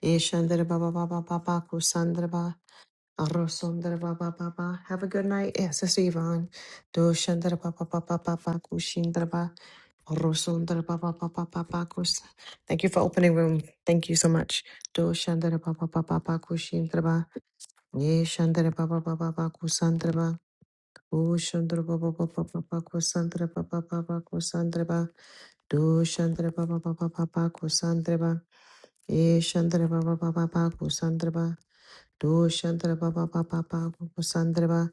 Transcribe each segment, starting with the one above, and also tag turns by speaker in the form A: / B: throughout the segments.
A: Ishandra Baba Baba Baba Kusandra Ba Arosundra Baba Baba. Have a good night. Yes, Sister Yvonne. Do Shandra Baba Baba Baba Kushindra Ba Arosundra Baba Baba Baba Kus. Thank you for opening room. Thank you so much. Do Shandra Baba Baba Baba Kushindra Ba Ye Shandra Baba Baba Baba Kusandra Ba O Shandra Baba Baba Baba Kusandra Baba Baba Kusandra Ba Do Shandra Baba Baba Baba Kusandra Ba Ye Baba Baba Baba Kusandra Ba do Shandra Baba Baba Baba Sandra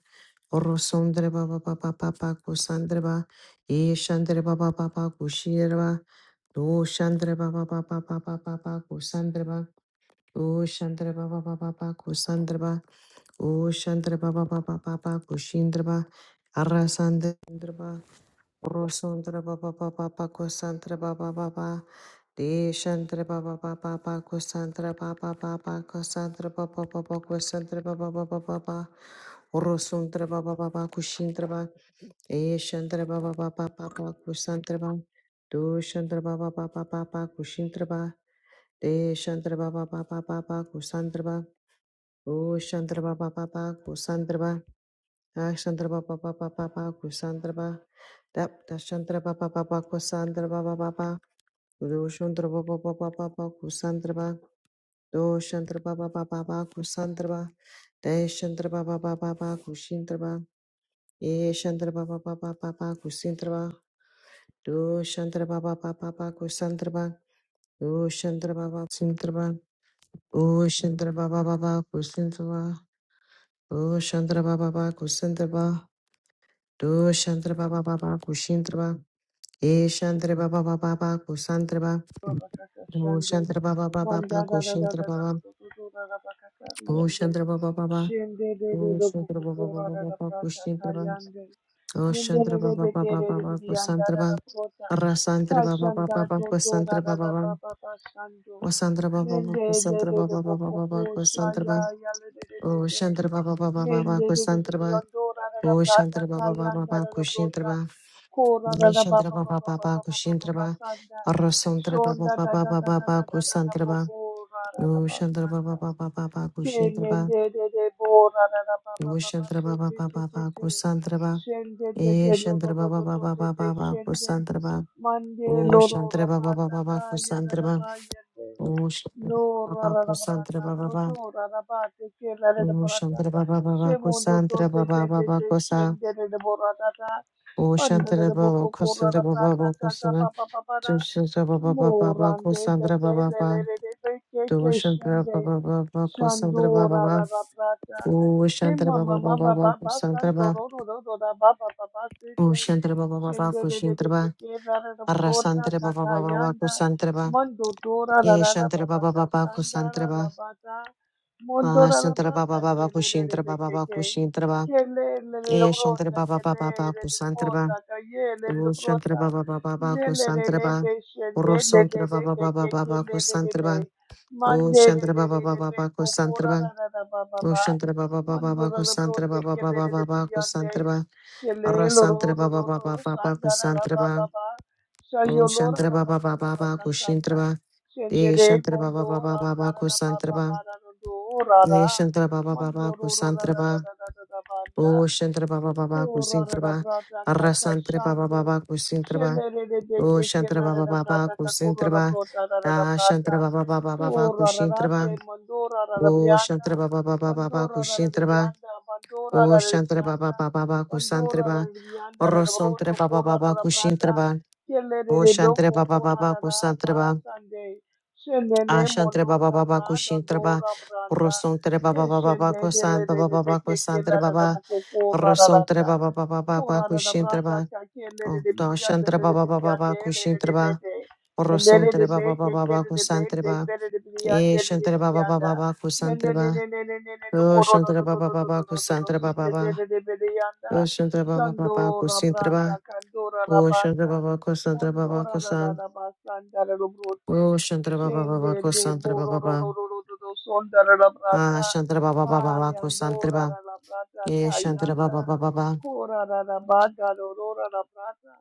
A: Orosondra Baba Baba Baba Kusandra E Shandra Baba Baba Kushira Do Shandra Baba Baba Baba Baba Kusandra O Shandra Baba Baba Baba Kusandra O Shandra Baba Baba Baba Kushindra Arasandra Orosondra Baba Baba Baba Kusandra Baba Deshantra Baba Baba Baba Santra Baba Baba Santra Baba Baba Santra Baba Baba Baba Rosuntra Baba Baba Kushintra Baba Eshantra Baba Baba Baba Kusantra Baba Dushantra Baba Baba Baba Kushintra Baba Deshantra Baba Baba Baba Kusantra Baba Ushantra Baba Baba Kusantra Baba Ashantra Baba Baba Baba Kusantra Baba Dap Dashantra Baba Baba Kusantra Baba Baba Dushantra Baba Baba Baba Kusantra pa Do Shantra Baba Baba Baba Kusantraba. De Shantra Baba Baba Baba Kushintraba. E Shantra Baba Baba Baba Kusintraba. Do Shantra Baba Baba Baba Kusantraba. Do Shantra Baba Sintraba. Do Shantra Baba Baba Kusintraba. Do Shantra Baba Baba Kusantraba. Do Shantra Baba Baba Kushintraba. E Shantra Baba Baba Baba Kusantraba.
B: Rabakaka
A: Do
B: Shande,
A: Shantra Baba Baba Baba
B: Manda da da da da da da
A: Kushintraba.
B: da da da Rabakaka
A: Do
B: Yande,
A: Shantra Baba Baba
B: Shinde de de
A: Oh,
B: de
A: Shantra Baba
B: Bukura
A: Baba
B: da da
A: Baba
B: Prata
A: Kushintraba.
B: Kayande,
A: Oh,
B: Ninde
A: Shantra
B: de de
A: Baba
B: de de
A: Baba
B: de de
A: Baba
B: de Yanda da
A: Kusantraba.
B: da Prota,
A: Rasantra Baba Baba
B: Kashanda
A: Baba
B: do do da
A: Kusantra
B: da
A: Baba
B: da
A: Baba.
B: ba ba ba Shando,
A: Wasantra Baba Baba
B: Ninde de
A: Kusantra
B: de de
A: Baba Baba Baba
B: Bukuru Shaya
A: Kusantraba.
B: Yale de de de
A: Oh,
B: de,
A: Shantra Baba Baba Baba
B: Ninde de de de de
A: Kusantraba.
B: Yondo da da da
A: Oh,
B: Prata
A: Shantra Baba Baba
B: Kayanda
A: Baba
B: da da Prota,
A: Kushintraba.
B: Kora
A: Oh,
B: da da ba
A: Shantra
B: ba ba
A: Baba
B: ba ba
A: Baba
B: ba ba ba ba ba
A: Kushintraba.
B: Shanda,
A: Rasantra Baba
B: Shonda da
A: Baba
B: da
A: Baba
B: da da
A: Baba
B: da da da da bo
A: Kusantraba.
B: bo ra ra ra
A: Oh,
B: ba
A: Shantra
B: san
A: Baba
B: da.
A: Baba Baba
B: Shende
A: Kushintraba.
B: de de bo ra ra ra ba ba
A: Oh,
B: ba ba
A: Shantra
B: shi
A: Baba
B: shi
A: Baba
B: shi shi
A: Baba
B: shi.
A: Kusantraba.
B: Shende de
A: E
B: de lo lo
A: Shandra
B: lo
A: Baba
B: lo lo
A: Baba
B: de
A: Baba
B: de
A: Baba
B: shende.
A: Kusantra Baba
B: Mande
A: O
B: lo lo lo
A: Shantra Baba
B: ra
A: Baba
B: ta
A: Baba
B: ka ya ra
A: Kusantra
B: ra
A: Baba
B: ba yende.
A: O Shantra
B: No ra
A: Baba
B: ra ra ra
A: Kusantra
B: ta
A: Baba
B: no
A: Baba
B: do ra ra ba te ke ra ra
A: O
B: ra ra ta.
A: Shantra Baba
B: She
A: Baba
B: mondo to
A: Kusantra
B: te
A: Baba
B: te te
A: Baba
B: te
A: Kusa
B: shende de de bo ta ta.
A: O
B: Panda de
A: Shantra
B: de bo
A: Baba
B: ko ra ra
A: Kusantra
B: ra
A: Baba
B: ta
A: Baba
B: ka ka
A: Kusana
B: ba ba ba ba
A: Tu
B: ra.
A: Shantra Baba Baba
B: Mo
A: Baba
B: de
A: Kusantra
B: de
A: Baba
B: le le
A: Baba
B: re de de ke
A: Tu
B: ke
A: Shantra
B: shende.
A: Baba Baba Kusantra Baba
B: Shandora
A: Baba
B: Rabata.
A: O Shantra
B: Tema
A: Baba
B: mama
A: Baba Baba
B: baba basa
A: Kusantra Baba
B: ndoro roro rora baba baba
A: O
B: sete.
A: Shantra Baba Baba
B: Shendere rebe
A: Kusantra Baba
B: keke rara rapota
A: Arrasantra Baba Baba Baba
B: kakayanda.
A: Kusantra Baba
B: Mondo tora
A: Ye
B: rara
A: shantara
B: baba
A: baba baba
B: kashandara
A: kusantara ba.
B: rabata. Mondo
A: ah
B: rara
A: shantara
B: bata
A: baba baba
B: kele
A: kushintara
B: rebe
A: baba baba
B: keke.
A: kushintara ba.
B: Kele rere
A: Ye shantara
B: rapota
A: baba
B: kele
A: baba baba
B: rere
A: kusantara
B: rapota
A: ba.
B: kaye rere
A: Ru shantara
B: rapota.
A: baba baba baba
B: Nele
A: kusantara ba.
B: rebe shende
A: Ru
B: rebe
A: shantara baba baba
B: keke
A: baba kusantara ba.
B: rebe. Mande
A: Ru
B: de
A: shantara
B: de
A: baba
B: de de
A: baba
B: de
A: baba kusantara
B: kokora
A: ba.
B: da da da ba ba
A: Ru
B: ba.
A: shantara baba baba baba
B: Mandora la
A: kusantara
B: brote
A: baba
B: ke de
A: baba
B: de de
A: baba kusantara
B: brillante.
A: ba. Ru
B: Chele lo ro
A: shantara
B: ro
A: baba
B: ro
A: baba
B: ro
A: baba
B: sandara la
A: kusantara
B: ba
A: ba.
B: ba ba.
A: Ru
B: Sayolora
A: shantara
B: la ba
A: baba
B: ba
A: baba
B: ba ba
A: baba kushintara
B: kasanda.
A: ba. Ye
B: Sendere
A: shantara baba
B: mondo
A: baba baba
B: randara la ba
A: kusantara
B: ba
A: ba.
B: ba ra ro do ra ra.
A: Ye Shantara Baba Baba
B: Mandoro ra ra ra ra
A: Kusantraba,
B: ra ra ra ra banda.
A: O Shantara Baba Baba
B: Kurarara
A: Kusintraba,
B: brata kaka
A: Rasantra Baba
B: shande.
A: Baba Kusintraba,
B: Shelerere
A: O
B: beke
A: Shantara Baba
B: kelarara
A: Baba
B: brata kakurara
A: Kusintraba,
B: brata rarara
A: Da
B: brata.
A: Shantara Baba Baba Baba
B: Kurarara de
A: Kusintraba,
B: mandora rarara
A: O
B: biyanda.
A: Shantara Baba Baba Baba
B: Mandora rarara
A: Kusintraba,
B: biyanda. Mandora
A: O
B: rarara
A: Shantara Baba
B: biyanda.
A: Baba Baba
B: Mandora
A: Kusantraba,
B: rarara biyanda rarara broto
A: Rasantra Baba Baba
B: kurarara brata.
A: Kusintraba, O
B: Shelerere
A: Shantara
B: boko
A: Baba Baba
B: kurarara
A: Kusantraba,
B: basande. Shendene
A: A Shantara
B: monu
A: Baba Baba
B: danda
A: Kusintraba,
B: dandora branda.
A: Rasantra Baba Baba
B: Keshende dele
A: Kusantraba,
B: dele
A: Baba Baba
B: peke kela de
A: Kusantraba,
B: buko kora
A: Rasontre
B: rata.
A: baba baba baba
B: korara da
A: kushintre
B: brata
A: ba.
B: kakele
A: Oh,
B: dele bidiyande
A: dashantre
B: de
A: baba baba
B: bidiyande
A: baba
B: dele
A: kushintre
B: de
A: ba.
B: pete. Mendele de
A: Rasontre baba baba
B: peke
A: baba
B: kele de
A: kusantre
B: pete
A: ba.
B: kele de bidiyande
A: E
B: dele
A: shantre baba baba
B: bidiyanda.
A: baba kusantre
B: Mendele
A: ba.
B: ne ne ne ne ne ne
A: Oh,
B: moro do
A: shantre
B: do do
A: baba
B: do do
A: baba
B: do do do do
A: kusantre baba
B: sikre
A: ba
B: dele de bidiyanda.
A: Oh, shantre baba baba
B: Shandora
A: kusintre
B: branda
A: ba.
B: kandora
A: Oh, shantre
B: rabanda.
A: baba kusantre baba
B: Mondora da da
A: kusan.
B: da basanda
A: Oh, shantre baba baba
B: Shendele
A: kusantre baba ba
B: bororororororo sondara la brata
A: Ah, shantre baba baba baba kusantre
B: ayandora
A: ba.
B: la la brata
A: E shantre
B: kayanda
A: baba baba baba.
B: kora la la banda rorora la brata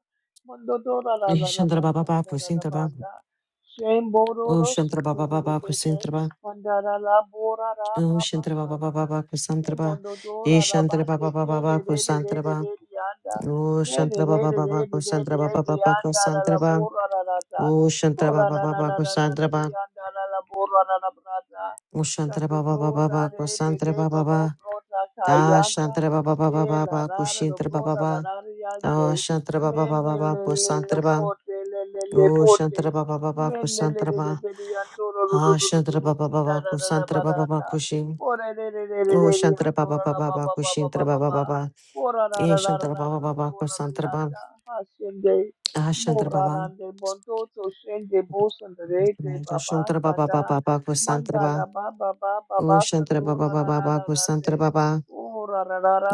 B: mondodora la
A: E
B: la la
A: shantre baba baba
B: basanda la
A: kusintre ba.
B: banda
A: Oh,
B: shembororo
A: shantre baba
B: shendele
A: baba
B: bete
A: kusintre ba.
B: mandara la bora la
A: Oh,
B: baba
A: Shantraba Baba
B: kanda
A: Baba
B: ke
A: Kusantraba. E
B: mondodora la
A: Shantraba
B: bate
A: Baba
B: ke de
A: Baba
B: de de de de
A: Kusantraba.
B: de yanda
A: Oh,
B: de de
A: Shantraba
B: de
A: Baba
B: de de
A: Baba
B: de de
A: Kusantraba Baba
B: de
A: Baba
B: yanda la la
A: Kusantraba.
B: bora la la
A: Oh, Shantraba
B: Bora
A: Baba
B: bora
A: Baba Kusantraba.
B: ra ra brata.
A: Oh, Shantraba
B: Santo
A: Baba
B: to ra
A: Baba
B: re pe te
A: Kusantraba
B: do lo
A: Baba.
B: brota
A: Da
B: kayanda.
A: Shantraba Baba Baba
B: De la
A: Baba Kushintraba Baba. Da Shantraba Baba Baba Kusantraba. Oh, Shantraba Baba Baba Kusantraba. Ah, Shantraba Baba Baba Kusantraba Baba Kushin. Oh, Shantraba Baba Baba Kushintraba Baba. Ye Shantara Baba Baba Ko Santara Baba
B: Hashende.
A: Ah Shantara Baba
B: Morarande bondoto shende bosanda rete baba
A: Shantara Baba Baba
B: sanda
A: Baba Ko Santara Baba
B: mandara baba baba
A: Oh Shantara
B: basando
A: Baba Baba Baba Ko
B: rarararande
A: Santara Baba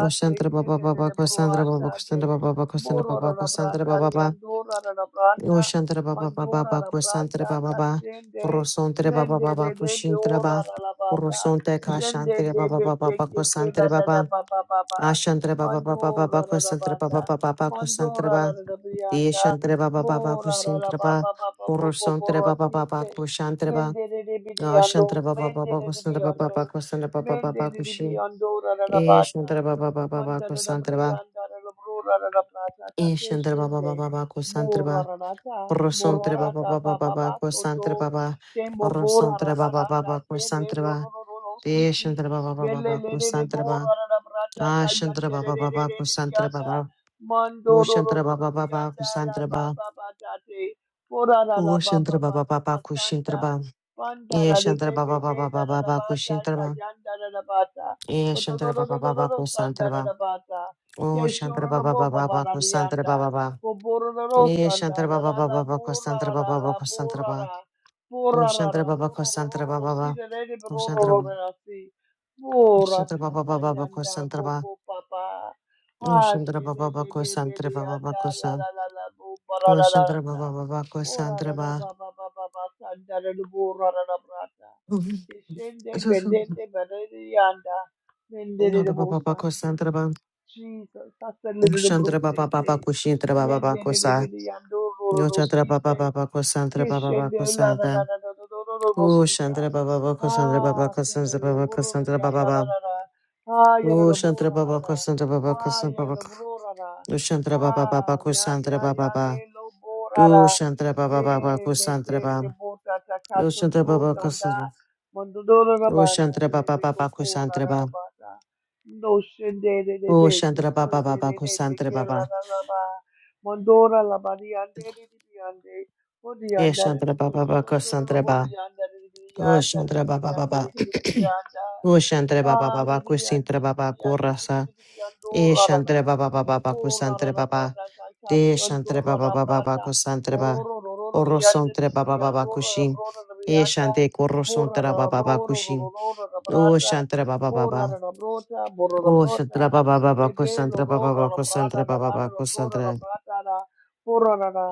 A: Oh Shantara Baba
B: kende
A: Baba
B: de
A: Ko Santara
B: broata de
A: Baba Ko Santara Baba
B: borora
A: Baba Ko Santara Baba Ko
B: brata
A: Baba Baba
B: yando rarararanda
A: Oh Shantara Baba Baba
B: mandora
A: Baba Ko
B: rabranda
A: Baba Baba Ro
B: kashende
A: Baba
B: mende de
A: Baba Ko
B: de de
A: Baba Ro
B: orararabata
A: Santara
B: shende de
A: Baba
B: de
A: Baba
B: ke
A: Baba
B: ke
A: Ko
B: ke la da da
A: Baba
B: baba baba
A: Ah Baba Baba Baba
B: mandora
A: Ko
B: rarabanda
A: Baba Baba Baba Ko
B: mandora
A: Baba
B: rarabrianda
A: Deshantreba Baba Baku
B: Mora la la ba
A: Sintraba
B: ba ba ba bo bo bo
A: Purusontre
B: ro
A: Baba
B: si
A: Baba
B: te.
A: Kushantreba
B: Mende re de bi di
A: Ashantre
B: ando.
A: Baba
B: Mende
A: Baba
B: re re
A: Kusantre
B: bi
A: Baba
B: ando.
A: Baba Kusantre Baba
B: Mende
A: Baba
B: re re bi
A: Kushi
B: ando ra la la ba ta.
A: Eshantre Baba Baba Baba
B: Manda ra ra bri
A: Kusantreba
B: anda ra ra bro ra ra ta ta te
A: Eshantre Baba Baba
B: shende.
A: Baba
B: Mora
A: Kusantreba
B: la ra ta. Mora
A: Purusontre
B: la
A: Baba
B: ta
A: Baba
B: ba ba
A: Baba
B: ba soto
A: Kusantre Baba
B: Kembo bo la la
A: Purusontre
B: la
A: Baba
B: ta
A: Baba
B: kembe lo
A: Kusantreba
B: lo lo lo ro si
A: Deshantre Baba Baba
B: belle Bele
A: Baba
B: le re re bo
A: Kusantreba
B: la ra ra bra ta ka
A: Ashantre
B: yande re
A: Baba
B: re re
A: Baba
B: re
A: Kusantre
B: yanda.
A: Baba
B: Mando ro ro
A: Ushantre
B: ro ro
A: Baba Baba
B: yanda la ba
A: Kusantreba
B: ba ba da de ora la la ba ba
A: Ushantre
B: ba
A: Baba
B: ba
A: Baba
B: ba
A: Kushintreba
B: sanda panda
A: Ye
B: la de
A: shantara
B: be
A: ba
B: be
A: ba ba
B: be
A: ba
B: da
A: ba
B: la
A: ba
B: la
A: ba
B: ba da
A: kushintara
B: ka
A: ba.
B: yanda la la ba da
A: Ye
B: ro ro
A: shantara
B: ro
A: ba ba
B: ro ro
A: ba
B: ro
A: ba
B: ro sanda
A: kusantara
B: la
A: ba.
B: la ba da
A: Oh
B: ke sho
A: shantara
B: ro
A: ba
B: la
A: ba
B: bo
A: ba
B: ba
A: ba
B: ba
A: ba
B: la de
A: kusantara ba
B: yanda
A: ba ba.
B: bo bo ro ro ro
A: Ye
B: sanda
A: shantara
B: la
A: ba ba
B: la
A: ba
B: la
A: ba ba
B: bo
A: kusantara
B: ra
A: ba
B: la
A: ba ba
B: la bo
A: kusantara
B: ra
A: ba.
B: ra bo
A: Oh
B: ra ra
A: shantara
B: ra
A: ba
B: ro
A: ba
B: ro ro ro
A: kusantara
B: ro
A: ba
B: ro
A: ba ba.
B: si de le de ro
A: Oh
B: ro
A: shantara
B: ro
A: ba.
B: ro ra si bo ra
A: Shantara ba
B: ta
A: ba
B: ta
A: ba ba ba
B: yanda
A: kusantara
B: bo
A: ba.
B: bo ba ba
A: Oh
B: Ah,
A: shantara ba
B: shele
A: ba ba
B: be be de
A: kusantara ba ba ba
B: anda la
A: kusan.
B: la la la bo ba ra
A: Oh
B: ra ra ra
A: shantara ba ba
B: ta.
A: ba ba
B: O ra ra
A: kusantara
B: ra
A: ba.
B: ba ba ba ba ba sa da ra ra bo ra ra ra bra ta. Ke shende bendende ba re de anda. Mende
A: Oh
B: de de
A: shantara ba
B: bo
A: ba ba
B: sande.
A: kusantara ba.
B: Jesus, sa se le
A: Oh
B: de de bro
A: shantara ba
B: te
A: ba ba ba
B: ke.
A: kushintara ba ba ba
B: Mende de de
A: kusa.
B: be de ando ro ro
A: Yo
B: ro
A: chatra
B: si
A: baba
B: te.
A: baba kosantra
B: Ke
A: baba baba
B: shende la la la
A: kosanta.
B: la la la la ra ra
A: O
B: si
A: shantra baba baba kosantra baba
B: Ah, se le
A: kosantra
B: lo
A: baba
B: burro de bo ro
A: kosantra
B: ya
A: baba
B: ya la
A: baba.
B: la, ra. Ah, ya ra
A: O
B: ra bo
A: shantra
B: la. ra
A: baba kosantra baba
B: Ah,
A: kosantra
B: yere da
A: baba.
B: borara.
A: O shantra baba baba
B: Ah, ya
A: kosantra
B: ya
A: baba
B: ya
A: baba.
B: le lo
A: O
B: borara.
A: shantra baba baba
B: Be le
A: kosantra
B: te
A: baba.
B: te bota ta
A: O shantra
B: kasundo
A: baba
B: tanda.
A: kosantra.
B: Mondodoro na
A: O
B: banda
A: shantra
B: de de
A: baba
B: be
A: baba
B: koko
A: kosantra
B: rara na
A: baba.
B: bata. No shende de de
A: O
B: be ke
A: shantra
B: ko
A: baba
B: de
A: baba
B: de de be
A: kosantra
B: ke la
A: baba.
B: la la ba. Mondora la ba di ande de de di ande. O di
A: E
B: anda de di
A: shantra baba
B: ande.
A: baba
B: Shondoro lo
A: kosantra
B: boru
A: baba.
B: yanda de di di
A: O
B: yanda de
A: shantra
B: di ande,
A: baba
B: de
A: baba.
B: ke de di di
A: O shantra baba baba
B: Hallelujah.
A: kosantra baba
B: Ndidibidi,
A: korasa.
B: andidibidi,
A: E
B: andorarara.
A: Shantre Baba Baba Baku Santre
B: Orarara
A: Baba
B: brata, kaka,
A: De Shantre Baba
B: shandorara
A: Baba
B: brata.
A: Baku Santre Ba kusantre ba.
B: Borororororori,
A: Oro Santre Baba
B: andidibidi,
A: Baba
B: andorara,
A: Kushin
B: brororori,
A: E
B: anda.
A: Shante Koro Santre Baba
B: Borarara,
A: Baba Kushin
B: bororororororara
A: O
B: brata.
A: Shantre Baba Baba
B: Borarara brota, borora
A: O
B: brota.
A: Shantre Baba Baba Baku
B: Sebelo,
A: Santre Baba
B: rorara
A: Baku
B: brata,
A: Santre Baba
B: rarara,
A: Baku
B: borora
A: Santre
B: brata, ra.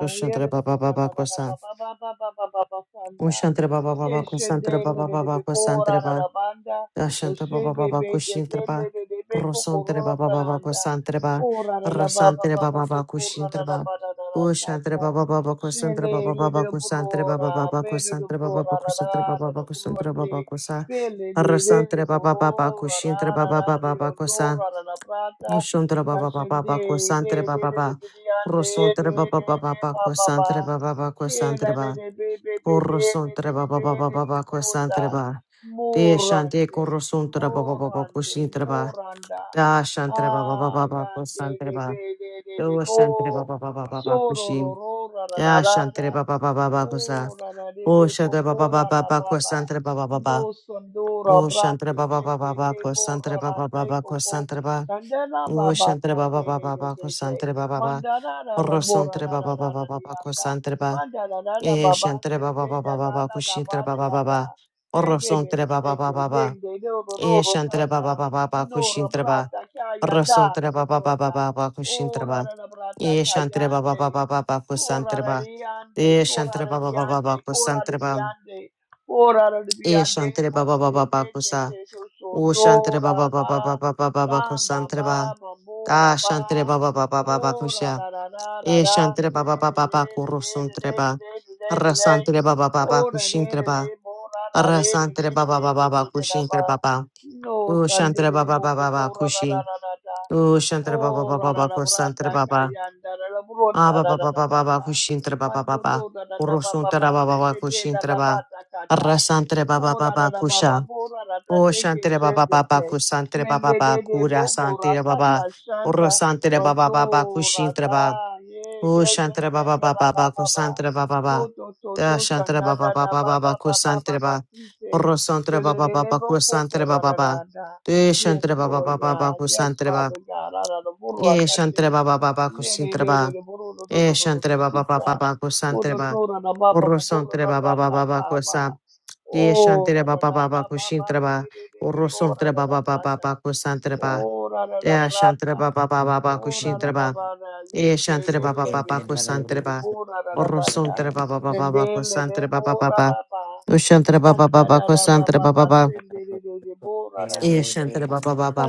A: O Shantre
B: yerida,
A: Baba Baba
B: borarara, ba,
A: Kusan
B: ba, ba, ba, ba, ba, ba, ba,
A: O
B: sanda.
A: Shantre Baba Baba Kusantre
B: Keshendele
A: Baba
B: de de before ana
A: Baba
B: la banda.
A: Dashanta Baba
B: Oshembe
A: Baba
B: be de kele
A: Kushintraba,
B: de de beko
A: Rosantre
B: korora
A: Baba Baba
B: branda.
A: Kusantreba,
B: Ora la la ba ba
A: Rasantre
B: ba ba
A: Baba
B: ba
A: Baba
B: ora la la
A: Kushintraba,
B: ba da da la
A: Ushantre
B: sanda.
A: Baba Baba Kusantre
B: Shele
A: Baba
B: le de
A: Baba Kusantre Baba
B: burora
A: Baba
B: be de de
A: Kusantre
B: burora la la la
A: Baba
B: la
A: Baba
B: burora
A: Kusantre
B: te.
A: Baba Baba Kusantre Baba Kusa,
B: Pele le de de
A: Rasantre Baba Baba
B: burora la
A: Kushintre
B: la
A: Baba
B: la
A: Baba
B: la
A: Baba Kusa,
B: yondora la la prata.
A: Ushantre Baba Baba
B: Kashende
A: Baba
B: de
A: Kusantre
B: de
A: Baba
B: de de
A: Baba,
B: de de de de
A: Rosantre Baba
B: de
A: Baba
B: de
A: Baba
B: ba ba
A: Kusantre
B: ba.
A: Baba Baba
B: Kela
A: Kusantre
B: de
A: Baba,
B: de be be be be de de
A: Orosantre
B: de
A: Baba
B: be
A: Baba
B: de de de be be be be be
A: Baba
B: bruta
A: Kusantre Baba, De shante
B: Morande,
A: korosuntra baba baba
B: Morande,
A: kushintra ba.
B: Moranda,
A: Da shantre baba
B: Ah,
A: baba baba
B: Yande,
A: kusantra
B: de
A: ba.
B: be de de de
A: Do shantra
B: Bo,
A: baba baba baba
B: Soro,
A: kushin.
B: Roro,
A: Da shantra
B: Rararara,
A: baba baba baba kusa.
B: Oh, Rana, de
A: O
B: Beco,
A: shantra baba
B: Cora,
A: baba
B: la
A: baba
B: Baba,
A: kusantra baba baba.
B: No, Sondora,
A: O shantre
B: Brande,
A: baba
B: que
A: baba
B: de
A: baba
B: de Borra,
A: kusantra
B: la
A: baba
B: de
A: baba
B: Co,
A: kusantra ba.
B: Sandela,
A: O
B: Baba,
A: shantra baba
B: Sande,
A: baba
B: de de
A: baba
B: be Bede,
A: kusantra baba baba.
B: Mandara, la Bora,
A: Korosuntra
B: la
A: baba baba baba
B: Rarara,
A: kusantra ba.
B: Manda la la la
A: E
B: baba
A: shantra baba
B: sende da
A: baba
B: la
A: baba
B: la la
A: kushintra
B: bara
A: baba baba.
B: yanda. Bebe
A: Korosuntra
B: be
A: baba baba
B: sende
A: baba.
B: bende dodo
A: E
B: dodo
A: shantara ba ba
B: sanda.
A: ba ba ba
B: Nora
A: kushintara ba.
B: brata kayanda la
A: Rasantara ba
B: la
A: ba ba ba
B: brota.
A: ba ba kushintara ba.
B: Ora la la brata
A: E shantara ba ba ba
B: kayande.
A: ba ba ba
B: Ora
A: kusantara
B: la
A: ba.
B: yande.
A: E
B: Ora
A: shantara
B: la
A: ba ba ba ba
B: yande.
A: ba
B: Ora la
A: kusantara ba.
B: yande. Ora la
A: E
B: yande.
A: shantara ba ba
B: Bote
A: ba
B: de
A: ba ba
B: de de
A: kusa.
B: de so
A: O shantara ba
B: sondora
A: ba ba ba
B: ba.
A: ba ba ba ba ba
B: Tamba
A: kusantara ba.
B: ba ba mora
A: Da shantara
B: ba.
A: ba ba ba ba ba ba
B: Oh, na
A: kusha.
B: na na na na na
A: E
B: da
A: shantara ba ba
B: day,
A: ba
B: da
A: ba ba
B: day, da day, da
A: kurusantara
B: day,
A: ba.
B: da day, da day, da day.
A: Rasantara ba ba ba ba
B: Oh, da day,
A: kushintara
B: da na
A: ba.
B: na da da day, da
A: Rasantara ba ba
B: day,
A: ba
B: da day,
A: ba
B: da
A: ba
B: day, da da ba.
A: kushintara ba ba.
B: No,
A: O
B: Sunday,
A: shantara
B: da
A: ba
B: day,
A: ba
B: bo
A: ba ba ba
B: na na
A: kushin.
B: na na na da da da.
A: Oh, Shantara Baba
B: Oh, na
A: Baba
B: na na
A: Baba
B: bra da
A: Santara Baba.
B: na na da na na na
A: Ah
B: da da
A: Baba
B: da da
A: Baba
B: ba
A: Baba
B: da.
A: Kushintara Baba
B: Mando
A: Baba.
B: do na na na ba ba ba
A: Urusuntara Baba
B: se
A: Baba
B: te na da
A: Kushintara
B: la ba
A: Baba.
B: da ka na
A: Arrasantara Baba
B: na ra da
A: Baba
B: da ba ba
A: Kusha.
B: bo na na da
A: Oh
B: te ke
A: Shantara
B: she
A: Baba
B: te
A: Baba
B: te.
A: Kusantara Baba
B: Mende de
A: Baba
B: de
A: Kura
B: bo bo na
A: Santara
B: da ta
A: Baba.
B: shanda.
A: Urusantara Baba Baba
B: Bando
A: Kushintara Baba.
B: rata ye
A: Oh
B: ye ye
A: Shantara
B: ye
A: Baba
B: ye
A: Baba
B: la ba
A: Baba
B: ba ba.
A: Kusantara Baba Baba.
B: Moto
A: Da
B: toto
A: Shantara
B: shanda
A: Baba
B: da
A: Baba
B: da ba ba
A: Baba
B: ba ba ba
A: Kusantara
B: ba
A: Baba.
B: si se
A: Urusantara Baba
B: shelelele
A: Baba
B: bo ko ko
A: Kusantara
B: ra
A: Baba
B: ra
A: Baba.
B: ra da.
A: De
B: Yes,
A: Shantara Baba
B: Lord
A: Baba Baba
B: God. Yes,
A: Kusantara Baba.
B: Father God. Ra ra bo ra buru
A: Eh,
B: rata te.
A: shantre ba ba ba ba
B: Ne ne
A: kusintre
B: ne ne
A: ba.
B: ne buru do do do
A: Eh,
B: do do
A: shantre
B: do
A: ba
B: si
A: ba ba ba
B: ta.
A: ba kusantre
B: Moto
A: ba.
B: to ra na ba ba
A: Urro
B: ba buru
A: santre
B: ra
A: ba ba
B: ra
A: ba
B: ta
A: ba ba
B: ta
A: kusa.
B: ba.
A: Eh,
B: Oh ra
A: shantre ba
B: ra
A: ba
B: ra
A: ba ba
B: ba ba ba
A: kusintre
B: de, de,
A: ba.
B: de, de, ne
A: Urro
B: ko ra
A: santre
B: ra
A: ba
B: ra
A: ba ba
B: ta
A: ba
B: ta.
A: ba kusantre ba.
B: Oh, ra ra ra
A: Eh, shantre
B: brata.
A: ba ba ba ba ba
B: Oh, ra
C: Thank
A: kusintre
B: ra ra
A: ba.
B: bara.
A: Eh,
B: Yinde
A: shantre ba ba
B: rele
A: ba ba
B: bete tere
A: kusantre
B: de
A: ba.
B: bo ra ra ra bata.
A: ba ba ba ba ba
B: Sendele de
A: kusantre ba ba
B: bo
A: ba
B: ra
A: ba.
B: ra ba.
A: Ushantre ba ba ba
B: Sanda
A: ba
B: ra ra ba ba
A: ba
B: ba.
A: ba
B: Sendele de de bo ra ra
A: Eh,
B: te te.
A: shantre ba ba ba ba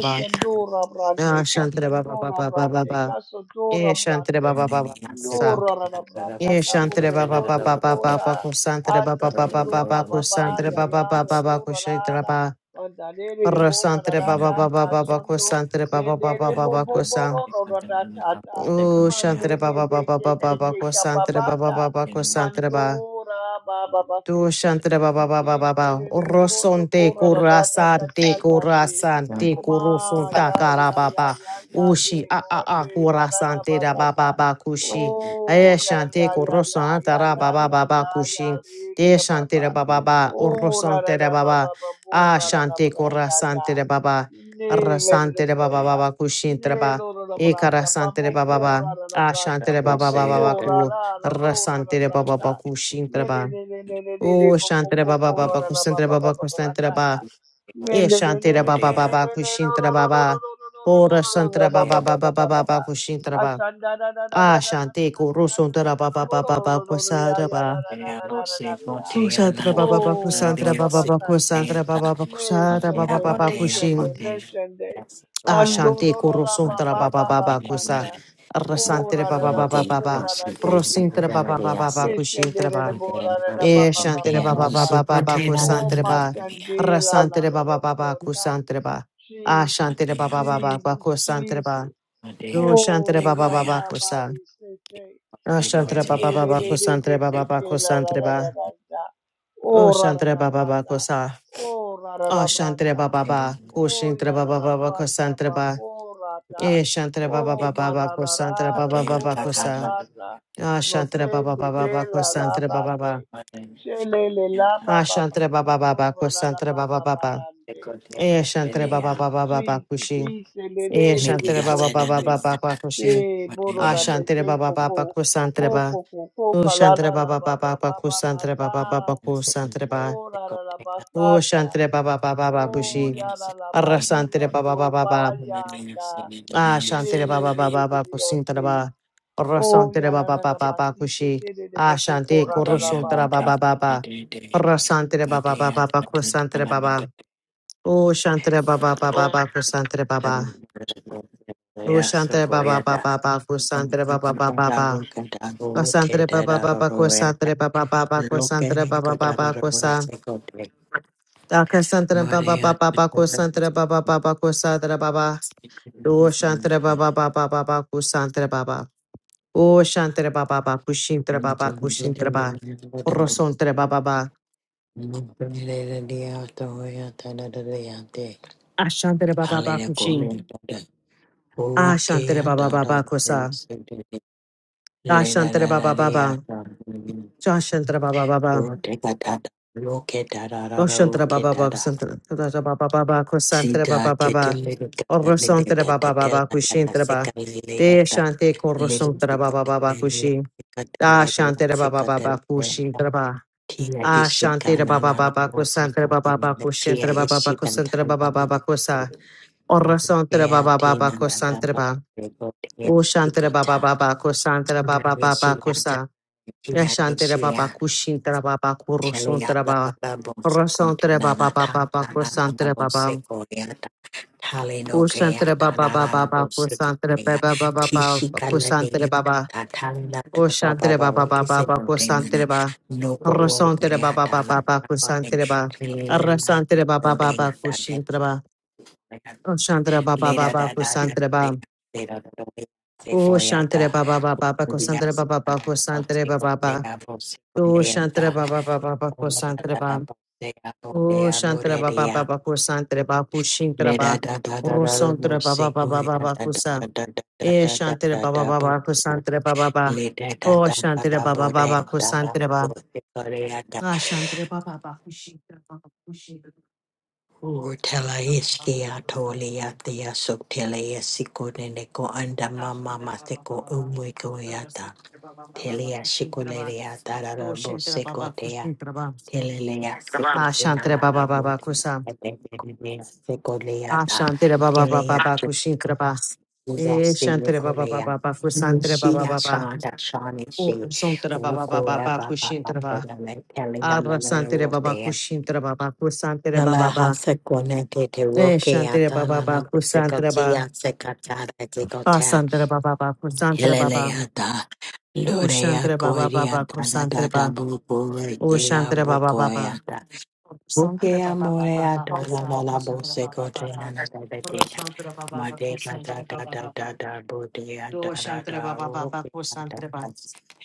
A: Ah,
B: brande.
A: shantre ba ba ba
B: Kashandora
A: ba ba ba
B: brande.
A: ba.
B: Kashandora
A: Eh, shantre ba
B: brande.
A: ba ba ba.
B: No ra ra ra brata.
A: Ye
B: Kabo
A: shantre
B: bo
A: ba ba
B: to
A: ba
B: to
A: ba ba
B: to
A: ba ba
B: ta.
A: ko santre ba ba ba
B: Asando
A: ba ba ba
B: dora
A: ko
B: baba
A: santre
B: ya
A: ba ba
B: ya
A: ba ba ba ko shaitre ba
B: Andadere de
A: ro
B: bora da
A: santre
B: da
A: ba ba
B: da
A: ba ba
B: ta
A: ba ba ko
B: shondo
A: santre ba ba ba
B: mendere
A: ba ba
B: bo
A: ba
B: bo
A: ko
B: boro
A: san
B: ro ro da ta ta
A: o
B: mande
A: shantre ba
B: de
A: ba
B: be
A: ba ba
B: ke
A: ba ba
B: ke
A: ba
B: ke
A: ko
B: ka ba
A: santre
B: ba
A: ba ba
B: ta
A: ba ba ko santre ba
B: mandora ba ba ba se
A: do
B: se
A: shantara ba ba ba
B: ye
A: ba ba
B: se
A: ba.
B: re re bro
A: Orosonte
B: kora ra ba ta ka ta
A: kurasante
B: yande
A: kurasante
B: ma
A: kurusonta
B: ya
A: kara
B: ya
A: ba
B: ya
A: ba.
B: ya ya ye
A: Ushi a a
B: lord
A: a
B: ye la la la ba
A: kurasante da
B: ta
A: ba
B: ta
A: ba ba kushi.
B: oh
A: Aye
B: ya ya
A: shante
B: ya ya
A: kurosanta
B: ya
A: ra
B: ya
A: ba ba
B: ya
A: ba ba
B: ya ya
A: kushi.
B: le
A: De
B: le ba
A: shante
B: ba
A: da ba ba ba. Orosonte da ba ba. A shante kurasante da ba ba. Arrasante da ba ba ba ba kushin ba. E karasante da ba ba
C: you.
A: ba. A shante da ba ba ba ba ba
C: Hosea the
A: ku. Arrasante da ba ba ba kushin ba. Oh, Shantara Baba Baba
C: weeks
A: Kusantara Baba Kusantara Baba E Shantara Baba
C: Odea
A: Baba Kushintara Baba Ora Santara Baba Baba Baba Baba Kushintara Baba Ah Shanti Kuru Santara Baba Baba Baba Kusantara Baba
C: Odea Lose Botea
A: Kusantara
C: Nana
A: Baba Baba
B: Oh,
C: Nana
A: Kusantara
C: Dia
A: Baba
C: Se
A: Baba
B: Ababasanda.
C: Botea
A: Kusantara Baba Baba Kusantara Baba
C: Botea
B: Meshende,
A: Baba
C: Botea
B: meshende,
A: Kushin
C: Botea
B: meshende.
C: Yes
A: Ah
C: Boyata
A: Shanti
B: Andororo
A: Kuru
B: la
A: Santara
B: baba
C: Botea
A: Baba
B: baba
A: Baba Kusa
B: sanda.
C: Botea
B: Oh,
A: Rasantara
B: ra la
A: Baba
B: ra
A: Baba
C: Botea Lossi Botea
B: babu
A: Baba
B: ra
C: Lose
B: ra de
A: Rosintara
B: baby.
C: Botea
A: Baba Baba
C: Dia
A: Baba
C: Se
B: Meshende re
A: Kushintara
B: re bo ra
C: Botea
B: ra ra
C: Lose
A: Eh,
B: baba
A: shantere ba
C: Botea
A: ba ba ba
C: Lose
A: ba ba
C: Botea
A: ko
C: Nana
B: Oh,
A: santere
C: Nana
A: ba
C: Dia
A: ra
B: masande la la
A: santere
B: la
A: ba ba
B: la
A: ba ba ko
B: brota.
A: santere ba ah shantere
B: Jesus,
A: ba
C: Botea
A: ba ba
C: Botea
A: ba ba
B: Jesus,
A: ku santere
B: Jesus.
A: ba Do
C: Botea
A: shantere ba
B: Oh,
A: ba
B: la
A: ba ba
B: da
A: ko
B: ba
A: sa
B: de se ke.
A: ah
C: Botea
B: Men
A: shantere ba
B: de
A: ba
C: Botea
A: ba
B: de
A: ba
B: de
A: ko
C: Botea
B: de be
A: santere ba
B: se
A: ba ba
B: ke
A: ko
B: la la
A: santere
B: la
A: ba
B: la la da.
A: oh
B: Oh, ra ra
A: shantere
B: la
A: ba ba
B: bra
A: ba ko
B: da.
A: sa
B: Oh, ra ra la
A: ah
B: bra
A: shantere
B: da.
A: ba ba ba ko
B: Oh,
A: shintere
B: ya
A: ba
B: ra
A: ba
B: la
A: ba ba ku
B: bra da
A: santere
B: ba
A: ba
B: bo ra da.
A: eh shantere ba ba
B: Oh,
A: ba ba
B: ma
A: ba
B: ra
A: ku
B: ra
A: santere
B: ra
A: ba
B: la
A: ba ba ba
B: ro
A: ko
B: ra la
A: sa
B: bra da.
A: ah
B: No
A: shantere
B: te
A: ba ba ba
B: de
A: ba
B: be
A: ba ku
B: la la
A: santere ba
B: ba
A: ba ba
B: de. She le le la ba
A: ah
B: ba ba
A: shantere ba
B: so
A: ba ba
B: do
A: ba ko
B: ra la la
A: santere
B: ba
A: ba ba
B: ba
A: ba
B: ba
A: ba
B: ra de.
A: Eh, Shantere Baba
B: Jesus,
A: Baba Baba
B: Jesus,
A: Kushi.
B: Ise
A: Eh,
B: lelele lele
A: Shantere Baba
B: moto
A: Baba
B: se
A: Baba Baba Kushi.
B: se mono
A: Ah,
B: na te
A: Shantere
B: se
A: Baba
B: popo
A: Baba
B: po
A: Kusantere Ba.
B: po po po
A: Oh, Shantere
B: la
A: Baba
B: ba
A: Baba
B: ba
A: Baba
B: ba ba ba
A: Kusantere
B: sa
A: Baba Baba Kusantere
B: mo
A: Ba.
B: la la la ba
A: Oh, Shantere Baba Baba Baba Kushi.
B: ya la la ba
A: Arrasantere Baba
B: yondo
A: Baba
B: ba
A: Baba.
B: yanda
A: Ah, Shantere
B: lele
A: Baba
B: lele
A: Baba Baba
B: lele
A: Kusintere
B: yasi
A: Ba.
B: o ya
A: Arrasantere
B: la
A: Baba
B: la
A: Baba
B: la ba
A: Baba
B: si se
A: Kushi.
B: se lele mo
A: Ah,
B: po
A: Shante
B: la la la
A: Kurusuntere
B: ba
A: Baba Baba. Arrasantere Baba Baba Baba Kusantere Baba. Oh, Shantere Baba Baba Baba Kusantere Baba.
C: Yes, so
A: Ushantre
C: go
A: baba baba baba kusantre baba baba baba kusantre baba baba
C: ahead.
A: kusantre baba baba
C: Loke
A: kusantre
C: ni
A: baba
C: kodada
A: baba kusan
C: rasi kote.
A: dakasantre
C: Mare
A: baba baba
C: ya
A: baba
C: kodada
A: kusantre
C: rasi
A: baba baba kusantre baba
C: kote.
A: ushantre baba baba baba kusantre baba ushantre baba baba kushintre baba kushintre baba rosontre baba baba ashantre baba baba kushin ashantre baba baba kusa ashantre baba baba jashantre baba baba Oh, baba baba ba
C: Hallelujah.
A: baba baba ba ba ba ba, kusantara baba
C: Sida
A: baba ba ba,
C: jedilere tata lere
A: orosantara ba
C: tata
A: ba
C: tela lana
A: kushintara ba,
C: seka lele
A: de
C: yata
A: shante
C: lele
A: korosantara ba
C: seka
A: baba ba ba,
C: lele
A: kushi,
C: seka
A: da
C: lele
A: shantara baba
C: seka
A: ba ba ba,
C: lele
A: kushintara baba
C: tia
A: a
C: ishika
A: shantara
C: na
A: baba
C: na
A: baba
C: na
A: ba ba,
C: mo
A: kusantara
C: seka
A: ba baba ba,
C: lele tia
A: kushintara baba ba ba,
C: ishika
A: kusantara
C: tana
A: baba ba ba
C: lele
A: ba, kusa, orosantara ba
C: mukea
A: ba
C: tina na na
A: kusantara
C: mo
A: ba,
C: seka tia
A: o
C: seka
A: shantara ba ba
C: ta
A: kusantara ba
C: na
A: ba
C: mishia
A: kusa. Yashantere
C: ta
A: baba kushintere baba
C: Telia
A: kurusuntere
C: la la
A: baba
C: la bo se
A: kurusuntere
C: contona
A: baba
C: la
A: baba
C: ta
A: baba
C: la la la la
A: kusantere
C: bo
A: baba
C: se coreata tale no
A: kusantere
C: creata
A: baba
C: la
A: baba
C: la la
A: baba
C: bo se
A: kusantere
C: corea
A: baba baba baba
C: tishika la de
A: kusantere baba
C: ta ta la ta ba ba
A: kusantere baba
C: ba
A: baba
C: is it
A: baba
C: no de na
A: kusantere baba
C: no ko bo
A: kurusuntere baba baba
C: creata la
A: baba
C: la ba de
A: kusantere baba
C: tele la la la
A: arrasantere baba
C: bo de na
A: baba
C: ta de
A: kushintere baba kusantere baba
C: le da
A: baba
C: da da da
A: kusantere
C: de
A: baba
C: le da da de se
A: kusantere
C: coreata
A: baba baba baba kusantere baba baba kusantere baba baba
C: Yes,
A: kusantere baba baba baba kusantere baba O Shantara Baba Baba Kusantara Babu Shintara Ba Rosontara Baba Baba Baba Kusa E Shantara Baba Baba Kusantara Baba Ba O Shantara Baba Baba Kusantara Ba Ah Shantara Baba Baba Kushintara Baba Kushintara O Shantara Baba Baba Kusantara Ba Ah Shantara Baba Baba Kusantara Baba Baba
C: Telia
A: Kushintara Ba
C: shikuleria
A: Do
C: tarara bo
A: Shintara
C: seko
A: Baba Kushintara Ba
C: Kelelea
A: Ah
C: se na
A: Shantara
C: na
A: Baba
C: na
A: Baba
C: bote
A: Kusa
C: na tete tete se sekolea ta
A: Ashantere baba baba
C: kelea
A: baba kushintere bas.
C: tukuza
A: E
C: sele
A: shantere baba
C: kolea
A: baba baba kusantere baba
C: Shia
A: baba.
C: shanda shani shi
A: Ursantere baba baba
C: uko ya
A: baba
C: ba ba
A: kushintere ba.
C: ya na kele ya na na
A: Arasantere baba
C: rote ya
A: kushintere baba kusantere
C: Nala
A: baba baba.
C: hasa kone te te
A: E
C: roke ya
A: shantere
C: ta
A: baba
C: na na
A: baba
C: bebe
A: kusantere
C: koti
A: ba.
C: ya se te te kota
A: Asantere baba baba kusantere
C: Kelele
A: baba.
C: ya ta
A: O
C: lore ya
A: shantere
C: kore
A: baba
C: ya
A: baba
C: ta da da
A: kusantere
C: da
A: ba.
C: bubu
A: O
C: rete ya
A: shantere
C: bo
A: baba
C: ko
A: baba.
C: buko
A: Santere
C: Oke
A: baba baba
C: amore
A: baba
C: adora la
A: kusantere
C: la
A: shantere
C: bose
A: baba
C: kote na
A: baba.
C: na da da de ya.
A: Urasantere baba
C: ma
A: baba
C: de ga da
A: kusantere
C: da
A: baba
C: da
A: baba.
C: da da bo de ya
A: Do
C: da da
A: Shantara
C: da
A: Baba Baba
C: oke da da
A: Kosantara Baba.
C: da.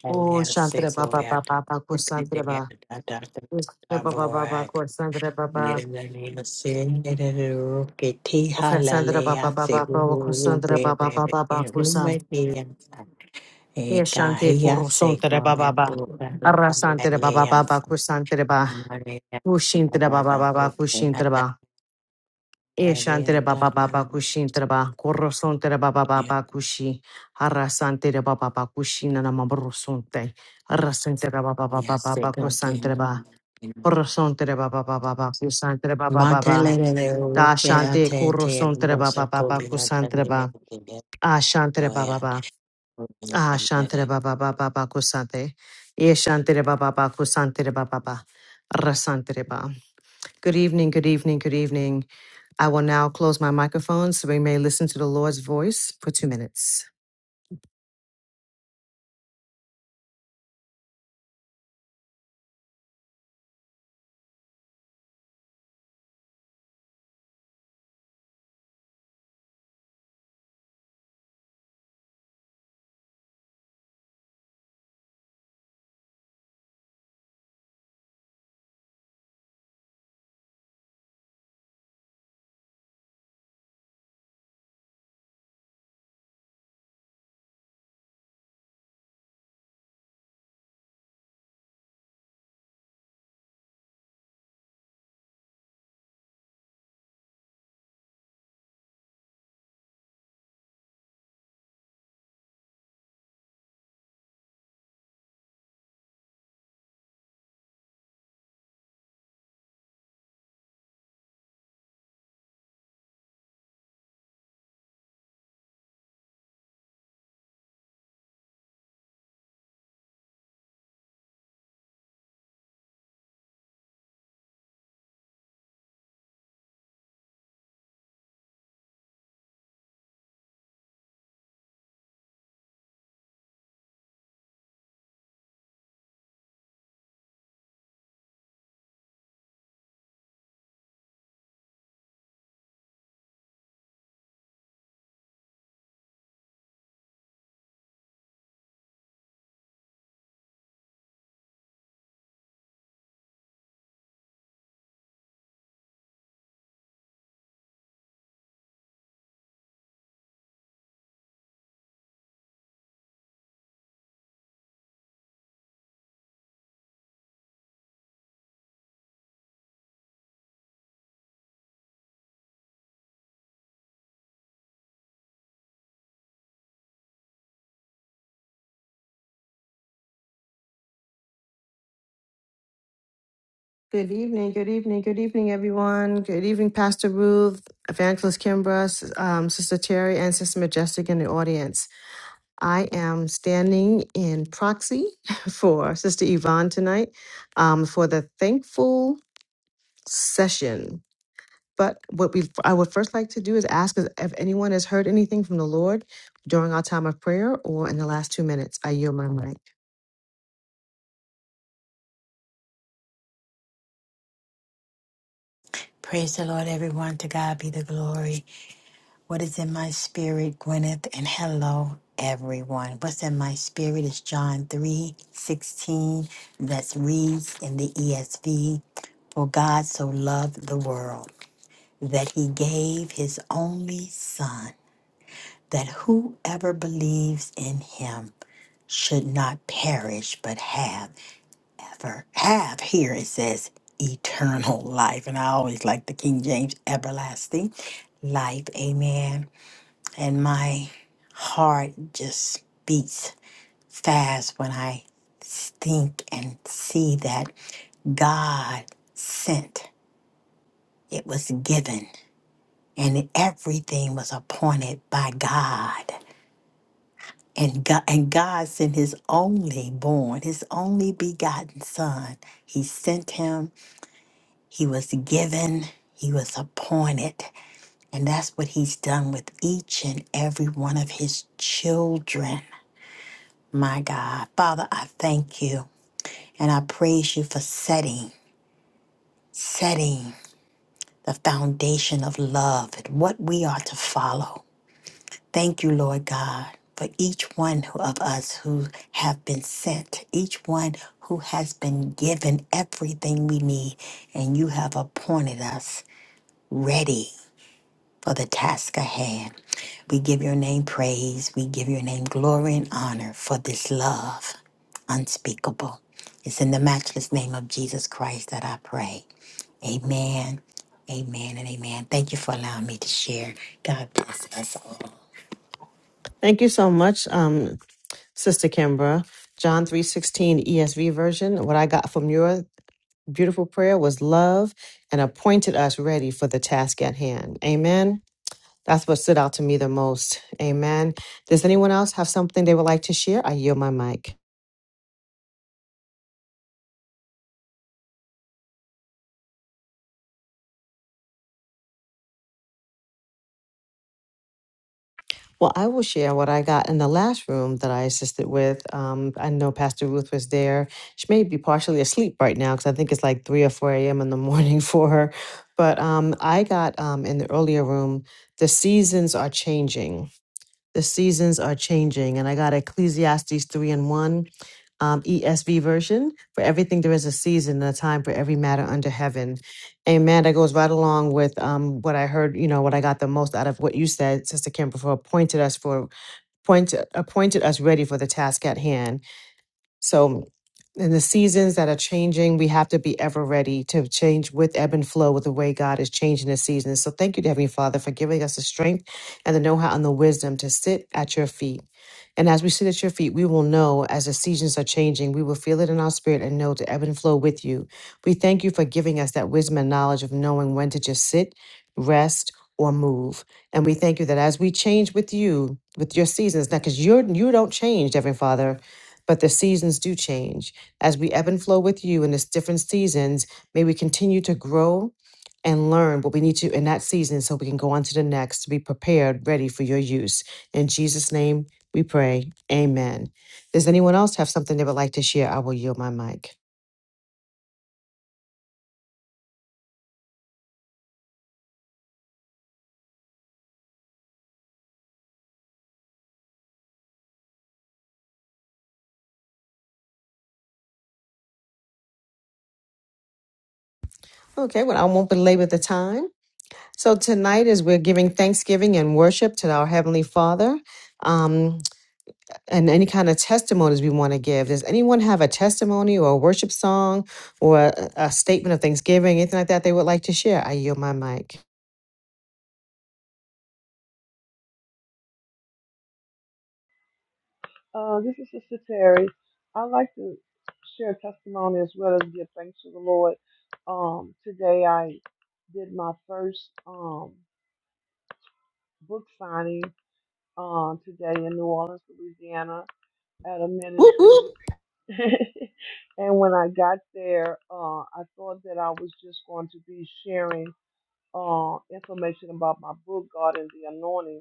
C: ele
A: Oh
C: ya se
A: Shantara
C: so
A: Baba
C: ya
A: Baba Baba
C: da de de
A: Kosantara
C: ya
A: Baba.
C: da da da da da
A: Baba Baba
C: bo
A: Baba
C: ya
A: Kosantara Baba.
C: mere na ne ma se ne de de oke ti ha
A: Okay,
C: la
A: Sandra
C: le
A: Baba
C: ya se
A: Baba
C: go
A: Baba
C: go
A: Kosantara
C: be
A: Baba
C: be be
A: Baba Baba
C: hu
A: Kosam.
C: me de ya sa e
A: Yes,
C: ka
A: Shante
C: hi ya
A: Kuru
C: se
A: Santara
C: ko ne
A: Baba Baba.
C: bo la la
A: Arra
C: la
A: Santara
C: le
A: Baba
C: ya
A: Baba
C: sa
A: Kosantara Baba.
C: ma ne ya da da
A: Kushintara
C: da
A: Baba
C: da
A: Baba
C: bo
A: Kushintara
C: ke
A: Baba. Eshantere
C: Hallelujah,
A: baba baba
C: hallelujah.
A: kushin treba korroson tere baba baba kushi harasan tere baba baba kushin na mamroson te harasan tere baba baba
C: Yes,
A: baba
C: God,
A: kusan treba
C: amen.
A: korroson tere baba baba baba kusan tere baba baba
C: Matelele
A: da
C: uke
A: shante
C: atente
A: korroson tere baba
C: ambose
A: baba
C: kubina
A: kusan
C: tandia
A: treba
C: tige
A: ashan tere
C: oya.
A: Ah, Shantere Baba Baba Baku Sante. Yes, Shantere Baba Baku Santere Baba Baba. Rasantere Baba. Good evening, good evening, good evening. I will now close my microphone so we may listen to the Lord's voice for two minutes. Good evening, good evening, good evening, everyone. Good evening, Pastor Ruth, Evangelist Kimbra, S- um, Sister Terry, and Sister Majestic in the audience. I am standing in proxy for Sister Yvonne tonight um, for the thankful session. But what we I would first like to do is ask if if anyone has heard anything from the Lord during our time of prayer or in the last two minutes. I yield my mic.
C: Praise the Lord, everyone. To God be the glory. What is in my spirit, Gwyneth? And hello, everyone. What's in my spirit is John three sixteen. 16. That reads in the ESV. For God so loved the world that he gave his only son that whoever believes in him should not perish but have ever have here it says eternal life and i always like the king james everlasting life amen and my heart just beats fast when i think and see that god sent it was given and everything was appointed by god And God, and God sent his only born, his only begotten son. He sent him, he was given, he was appointed. And that's what he's done with each and every one of his children. My God. Father, I thank you and I praise you for setting, setting the foundation of love and what we are to follow. Thank you, Lord God, for each one who- of us who have been sent, each one who has been given everything we need, and you have appointed us ready for the task ahead. We give your name praise. We give your name glory and honor for this love unspeakable. It's in the matchless name of Jesus Christ that I pray. Amen, amen, and amen. Thank you for allowing me to share. God bless us all.
A: Thank you so much, um, Sister Kimbra. John three sixteen ESV version. What I got from your beautiful prayer was love and appointed us ready for the task at hand. Amen. That's what stood out to me the most. Amen. Does anyone else have something they would like to share? I yield my mic. Well, I will share what I got in the last room that I assisted with. Um, I know Pastor Ruth was there. She may be partially asleep right now because I think it's like 3 or 4 a.m. in the morning for her. But um, I got um, in the earlier room, the seasons are changing. The seasons are changing, and I got Ecclesiastes 3 and 1 um, ESV version. For everything, there is a season and a time for every matter under heaven. Amen. That goes right along with um, what I heard. You know, what I got the most out of what you said, Sister Kimber, for appointed us for appointed appointed us ready for the task at hand so, in the seasons that are changing, we have to be ever ready to change with ebb and flow with the way God is changing the seasons. So, thank you, Heavenly Father, for giving us the strength and the know how and the wisdom to sit at your feet. And as we sit at your feet, we will know as the seasons are changing, we will feel it in our spirit and know to ebb and flow with you. We thank you for giving us that wisdom and knowledge of knowing when to just sit, rest, or move. And we thank you that as we change with you, with your seasons, now because you are you don't change, Heavenly Father. But the seasons do change. As we ebb and flow with you in this different seasons, may we continue to grow and learn what we need to in that season so we can go on to the next to be prepared, ready for your use. In Jesus' name we pray. Amen. Does anyone else have something they would like to share? I will yield my mic. Okay, well, I won't belabor the time. So tonight, as we're giving thanksgiving and worship to our Heavenly Father, um, and any kind of testimonies we want to give. Does anyone have a testimony or a worship song or a, a statement of thanksgiving, anything like that they would like to share? I yield my mic.
B: Uh, this is Sister Terry. I'd like to share testimony as well as give thanks to the Lord. Um, today I did my first um, book signing um, today in New Orleans, Louisiana, at a
A: Whoop whoop.
B: ministry. and when I got there, uh, I thought that I was just going to be sharing uh, information about my book, God and the Anointing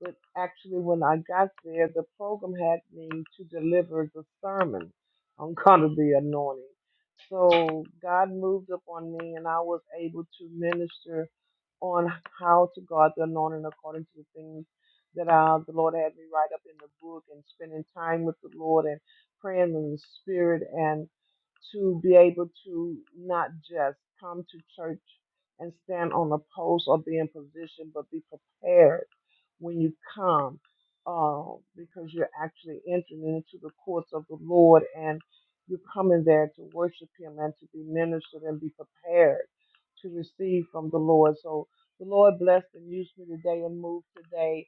B: but actually, when I got there, the program had me to deliver the sermon on kind of the Anointing. So God moved upon me, and I was able to minister on how to guard the anointing according to the things that uh, the Lord had me write up in the book and spending time with the Lord and praying in the spirit and to be able to not just come to church and stand on a post or be in position, but be prepared when you come uh, because you're actually entering into the courts of the Lord and you're coming there to worship Him and to be ministered and be prepared to receive from the Lord. So, the Lord blessed and used me today and moved today.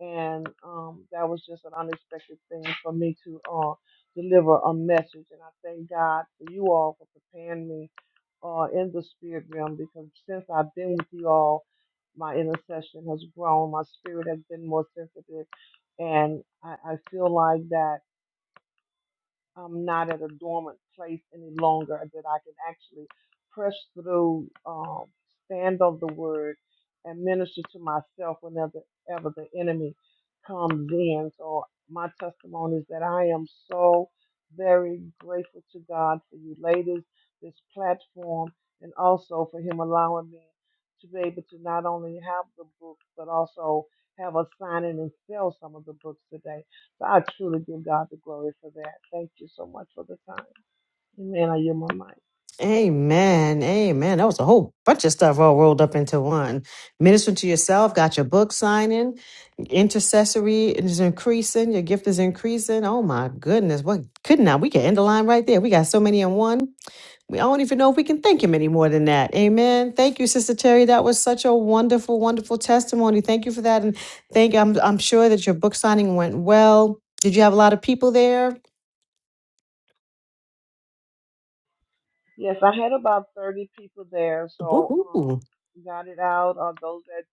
B: And um, that was just an unexpected thing for me to uh, deliver a message. And I thank God for you all for preparing me uh, in the spirit realm because since I've been with you all, my intercession has grown. My spirit has been more sensitive. And I, I feel like that I'm not at a dormant place any longer, that I can actually press through, um, stand on the word, and minister to myself whenever ever the enemy comes in. So my testimony is that I am so very grateful to God for you ladies, this platform, and also for Him allowing me to be able to not only have the books, but also have a signing and sell some of the books today. So I truly give God the glory for that. Thank you so much for the time. Amen. I yield my mic.
A: Amen. Amen. That was a whole bunch of stuff all rolled up into one. Minister to yourself, got your book signing, intercessory is increasing, your gift is increasing. Oh my goodness. What could not we can end the line right there? We got so many in one. we don't even know if we can thank him any more than that. Amen. Thank you, Sister Terry. That was such a wonderful, wonderful testimony. Thank you for that. And thank I'm I'm sure that your book signing went well. Did you have a lot of people there?
B: Yes, I had about 30 people there, so
A: Woohoo.
B: um, got it out. Uh, those that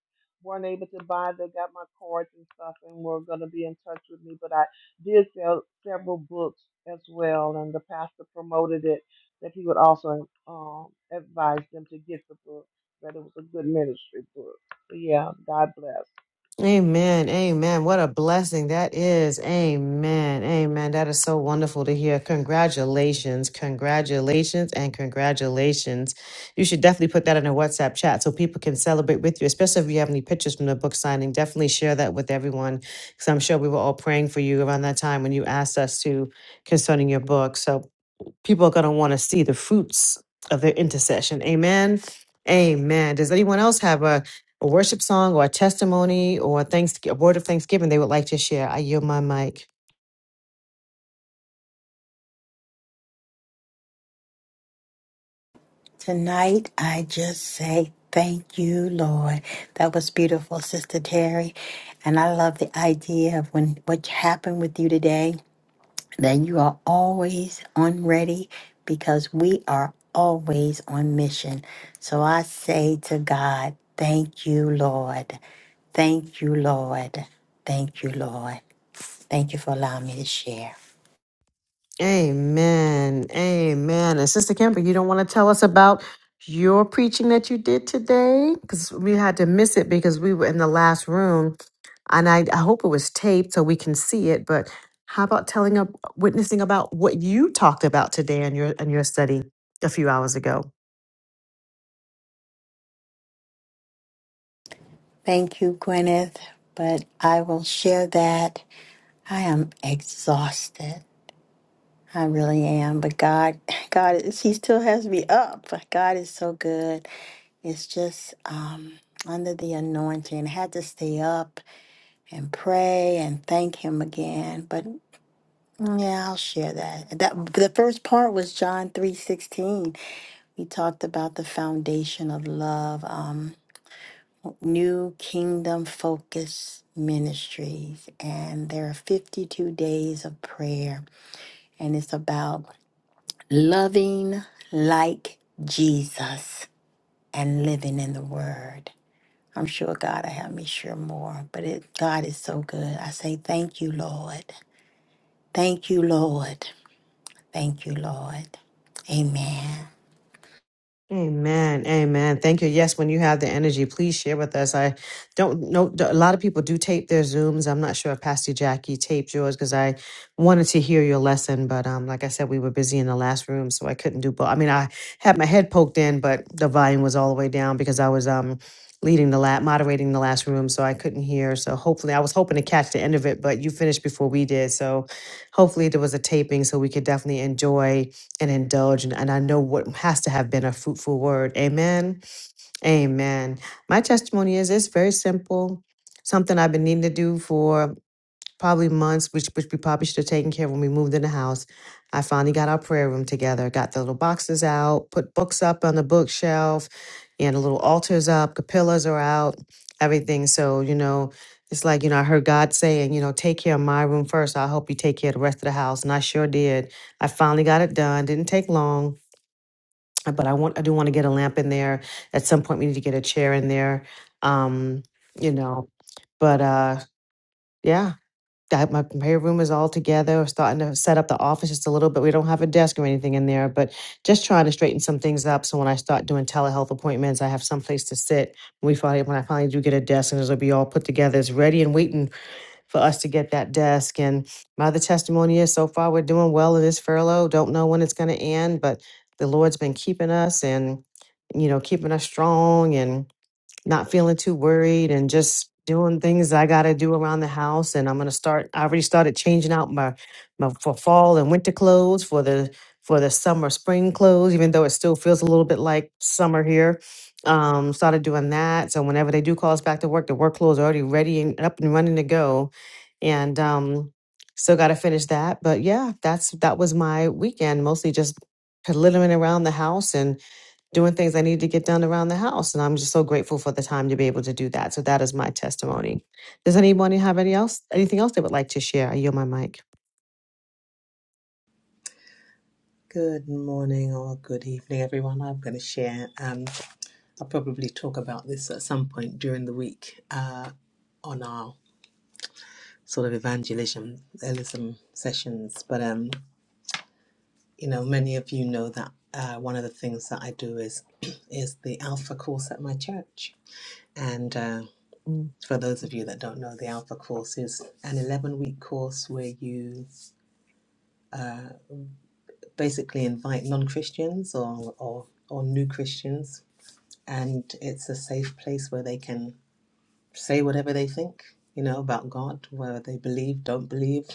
B: weren't able to buy, they got my cards and stuff, and were going to be in touch with me. But I did sell several books as well, and the pastor promoted it that he would also um, advise them to get the book, that it was a good ministry book. So yeah, God bless.
A: Amen. Amen. What a blessing that is. Amen. Amen. That is so wonderful to hear. Congratulations. Congratulations and congratulations. You should definitely put that in a WhatsApp chat so people can celebrate with you, especially if you have any pictures from the book signing. Definitely share that with everyone because I'm sure we were all praying for you around that time when you asked us to concerning your book. So people are going to want to see the fruits of their intercession. Amen. Amen. Does anyone else have a, a worship song or a testimony or a, thanks, a word of thanksgiving they would like to share? I yield my mic.
C: Tonight, I just say thank you, Lord. That was beautiful, Sister Terry. And I love the idea of when what happened with you today, that you are always on ready because we are always on mission. So I say to God, thank you, Lord. Thank you, Lord. Thank you, Lord. Thank you for allowing me to share.
A: Amen. Amen. And Sister Kimber, you don't want to tell us about your preaching that you did today? Because we had to miss it because we were in the last room. And I, I hope it was taped so we can see it. But how about telling up, witnessing about what you talked about today in your in your study? a few hours ago.
C: Thank you, Gwyneth, but I will share that. I am exhausted. I really am. But God, God is, He still has me up. God is so good. It's just um, under the anointing. had to stay up and pray and thank Him again. But mm, yeah, I'll share that. That the first part was John three sixteen. We talked about the foundation of love. Um, New Kingdom Focus Ministries, and there are 52 days of prayer, and it's about loving like Jesus and living in the Word. I'm sure God will have me share more, but it, God is so good. I say thank you, Lord. Thank you, Lord. Thank you, Lord. Amen.
A: Amen. Amen. Thank you. Yes, when you have the energy, please share with us. I don't know. A lot of people do tape their Zooms. I'm not sure if Pastor Jackie taped yours because I wanted to hear your lesson. But um, like I said, we were busy in the last room, so I couldn't do both. I mean, I had my head poked in, but the volume was all the way down because I was um leading the lab, moderating the last room, so I couldn't hear. So hopefully, I was hoping to catch the end of it, but you finished before we did. So hopefully, there was a taping so we could definitely enjoy and indulge. And, and I know what has to have been a fruitful word. Amen. Amen. My testimony is it's very simple, something I've been needing to do for probably months, which which we probably should have taken care of when we moved in the house. I finally got our prayer room together, got the little boxes out, put books up on the bookshelf, and the little altars up, capillas are out, everything. So, you know, it's like, you know, I heard God saying, you know, take care of my room first. so I hope you take care of the rest of the house. And I sure did. I finally got it done. Didn't take long. But I want I do want to get a lamp in there. At some point we need to get a chair in there. Um, you know. But uh yeah that my prayer room is all together. We're starting to set up the office just a little bit. We don't have a desk or anything in there, but just trying to straighten some things up. So when I start doing telehealth appointments, I have some place to sit. When we finally, when I finally do get a desk, and it'll be all put together, it's ready and waiting for us to get that desk. And my other testimony is so far we're doing well in this furlough. Don't know when it's going to end, but the Lord's been keeping us and you know keeping us strong and not feeling too worried and just doing things I got to do around the house. And I'm gonna start. I already started changing out my my for fall and winter clothes for the for the summer spring clothes, even though it still feels a little bit like summer here. Um, started doing that. So whenever they do call us back to work, the work clothes are already ready and up and running to go. And um, still got to finish that. But yeah, that's that was my weekend mostly just piddling around the house and doing things I need to get done around the house. And I'm just so grateful for the time to be able to do that. So that is my testimony. Does anyone have any else anything else they would like to share? I yield my mic.
D: Good morning or good evening, everyone. I'm going to share. Um, I'll probably talk about this at some point during the week uh, on our sort of evangelism evangelism sessions. But um, you know, many of you know that uh, one of the things that I do is is the Alpha course at my church. And uh,
A: Mm.
D: for those of you that don't know, the Alpha course is an 11 week course where you basically invite non Christians or, or or new Christians and it's a safe place where they can say whatever they think you know about god whether they believe don't believe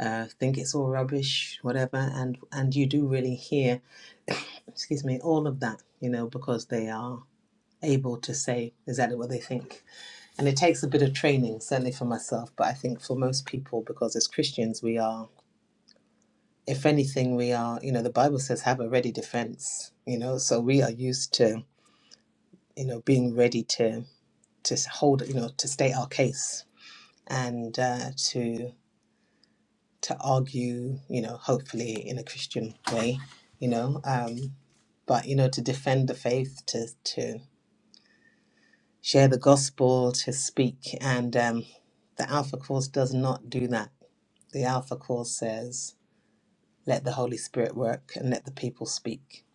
D: uh, think it's all rubbish whatever and and you do really hear excuse me all of that you know because they are able to say exactly what they think and it takes a bit of training certainly for myself but i think for most people because as christians we are if anything we are you know the bible says have a ready defense you know so we are used to you know being ready to to hold, you know, to state our case and uh, to to argue, you know, hopefully in a Christian way, you know, um, but you know, to defend the faith, to to share the gospel, to speak, and um, the Alpha Course does not do that. The Alpha Course says, "Let the Holy Spirit work and let the people speak,"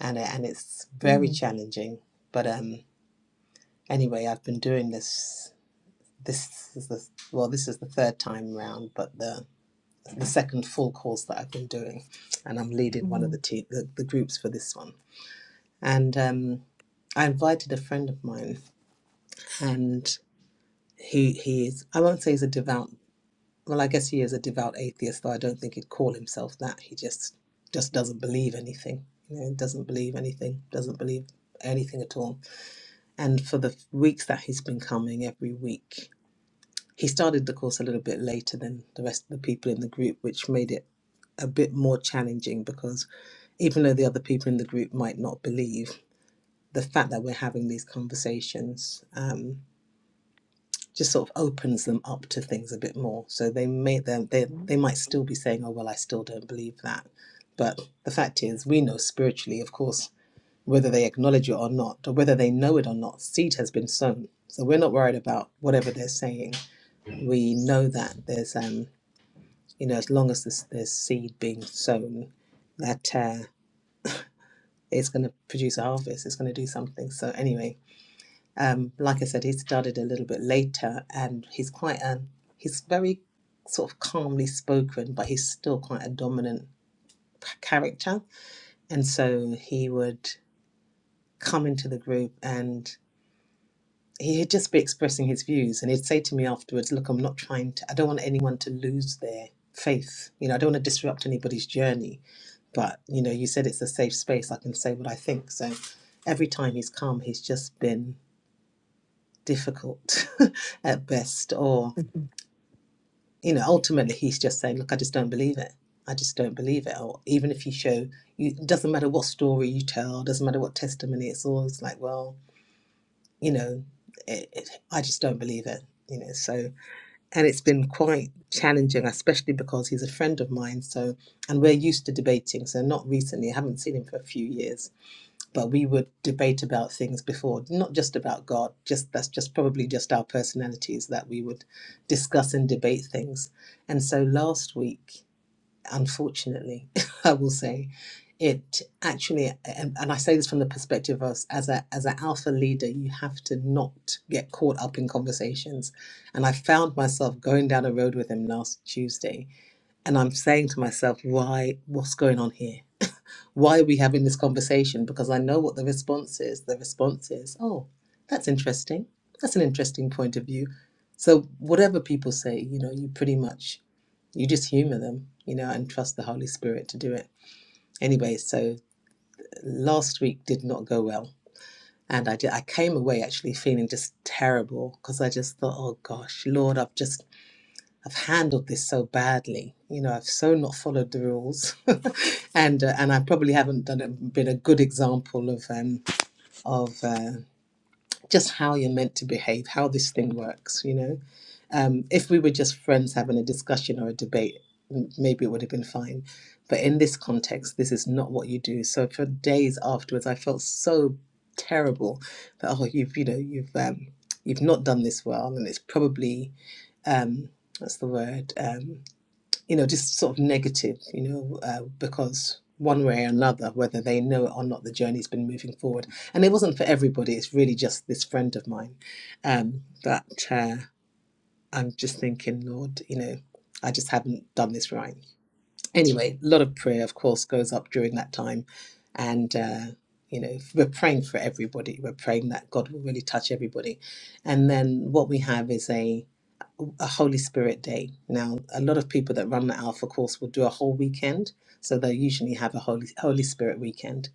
D: and it- and it's very
A: Mhm,
D: challenging. But um, anyway, I've been doing this. This is the well, this is the third time round, but the the second full course that I've been doing, and I'm leading one
A: mhm.
D: of the te- the, the groups for this one. And um, I invited a friend of mine, and he he is I won't say he's a devout. Well, I guess he is a devout atheist, though I don't think he'd call himself that. He just just doesn't believe anything. You know, doesn't believe anything. Doesn't believe anything at all. And for the weeks that he's been coming every week, he started the course a little bit later than the rest of the people in the group, which made it a bit more challenging because even though the other people in the group might not believe, the fact that we're having these conversations um, just sort of opens them up to things a bit more. So they may they, they they
A: Mhm.
D: might
A: Tabii.
D: still be saying, "Oh well, I still don't believe that," but the fact is, we know spiritually, of course, whether they acknowledge it or not, or whether they know it or not, seed has been sown. So we're not worried about whatever they're saying. We know that there's um you know as long as there's, there's seed being sown, that. Uh, it's going to produce a harvest, it's going to do something. So, anyway, um, like I said, he started a little bit later and he's quite a, he's very sort of calmly spoken, but he's still quite a dominant character. And so he would come into the group and he'd just be expressing his views. And he'd say to me afterwards, Look, I'm not trying to, I don't want anyone to lose their faith. You know, I don't want to disrupt anybody's journey But you know, you said it's a safe space. I can say what I think. So every time he's come, he's just been difficult at best, or you know, ultimately he's just saying, "Look, I just don't believe it. I just don't believe it." Or even if you show, you it doesn't matter what story you tell, doesn't matter what testimony. It's always like, well, you know, it, it, I just don't believe it. You know, so and it's been quite challenging, especially because he's a friend of mine. So and we're used to debating. So not recently, I haven't seen him for a few years but we would debate about things before, not just about God. Just that's just probably just our personalities that we would discuss and debate things. And so last week, unfortunately, I will say, it actually, and, and I say this from the perspective of as a as an alpha leader, you have to not get caught up in conversations. And I found myself going down a road with him last Tuesday, and I'm saying to myself, why? What's going on here? why are we having this conversation? Because I know what the response is. The response is, oh, that's interesting. That's an interesting point of view. So whatever people say, you know, you pretty much you just humor them, you know, and trust the Holy Spirit to do it. Anyway, so last week did not go well. And I did, I came away actually feeling just terrible because I just thought, oh gosh, Lord, I've just I've handled this so badly. You know, I've so not followed the rules, and uh, and I probably haven't done it, been a good example of um, of uh, just how you're meant to behave, how this thing works. You know, um, if we were just friends having a discussion or a debate, m- maybe it would have been fine. But in this context, this is not what you do. So for days afterwards, I felt so terrible that oh, you've you know you've um, you've not done this well, and it's probably um, what's the word. Um, you know, just sort of negative, you know, uh, because one way or another, whether they know it or not, the journey's been moving forward. And it wasn't for everybody, it's really just this friend of mine um, that uh, I'm just thinking, Lord, you know, I just haven't done this right. Anyway, a lot of prayer, of course, goes up during that time. And, uh, you know, we're praying for everybody. We're praying that God will really touch everybody. And then what we have is a a Holy Spirit day. Now, a lot of people that run the Alpha course will do a whole weekend, so they usually have a Holy Holy Spirit weekend,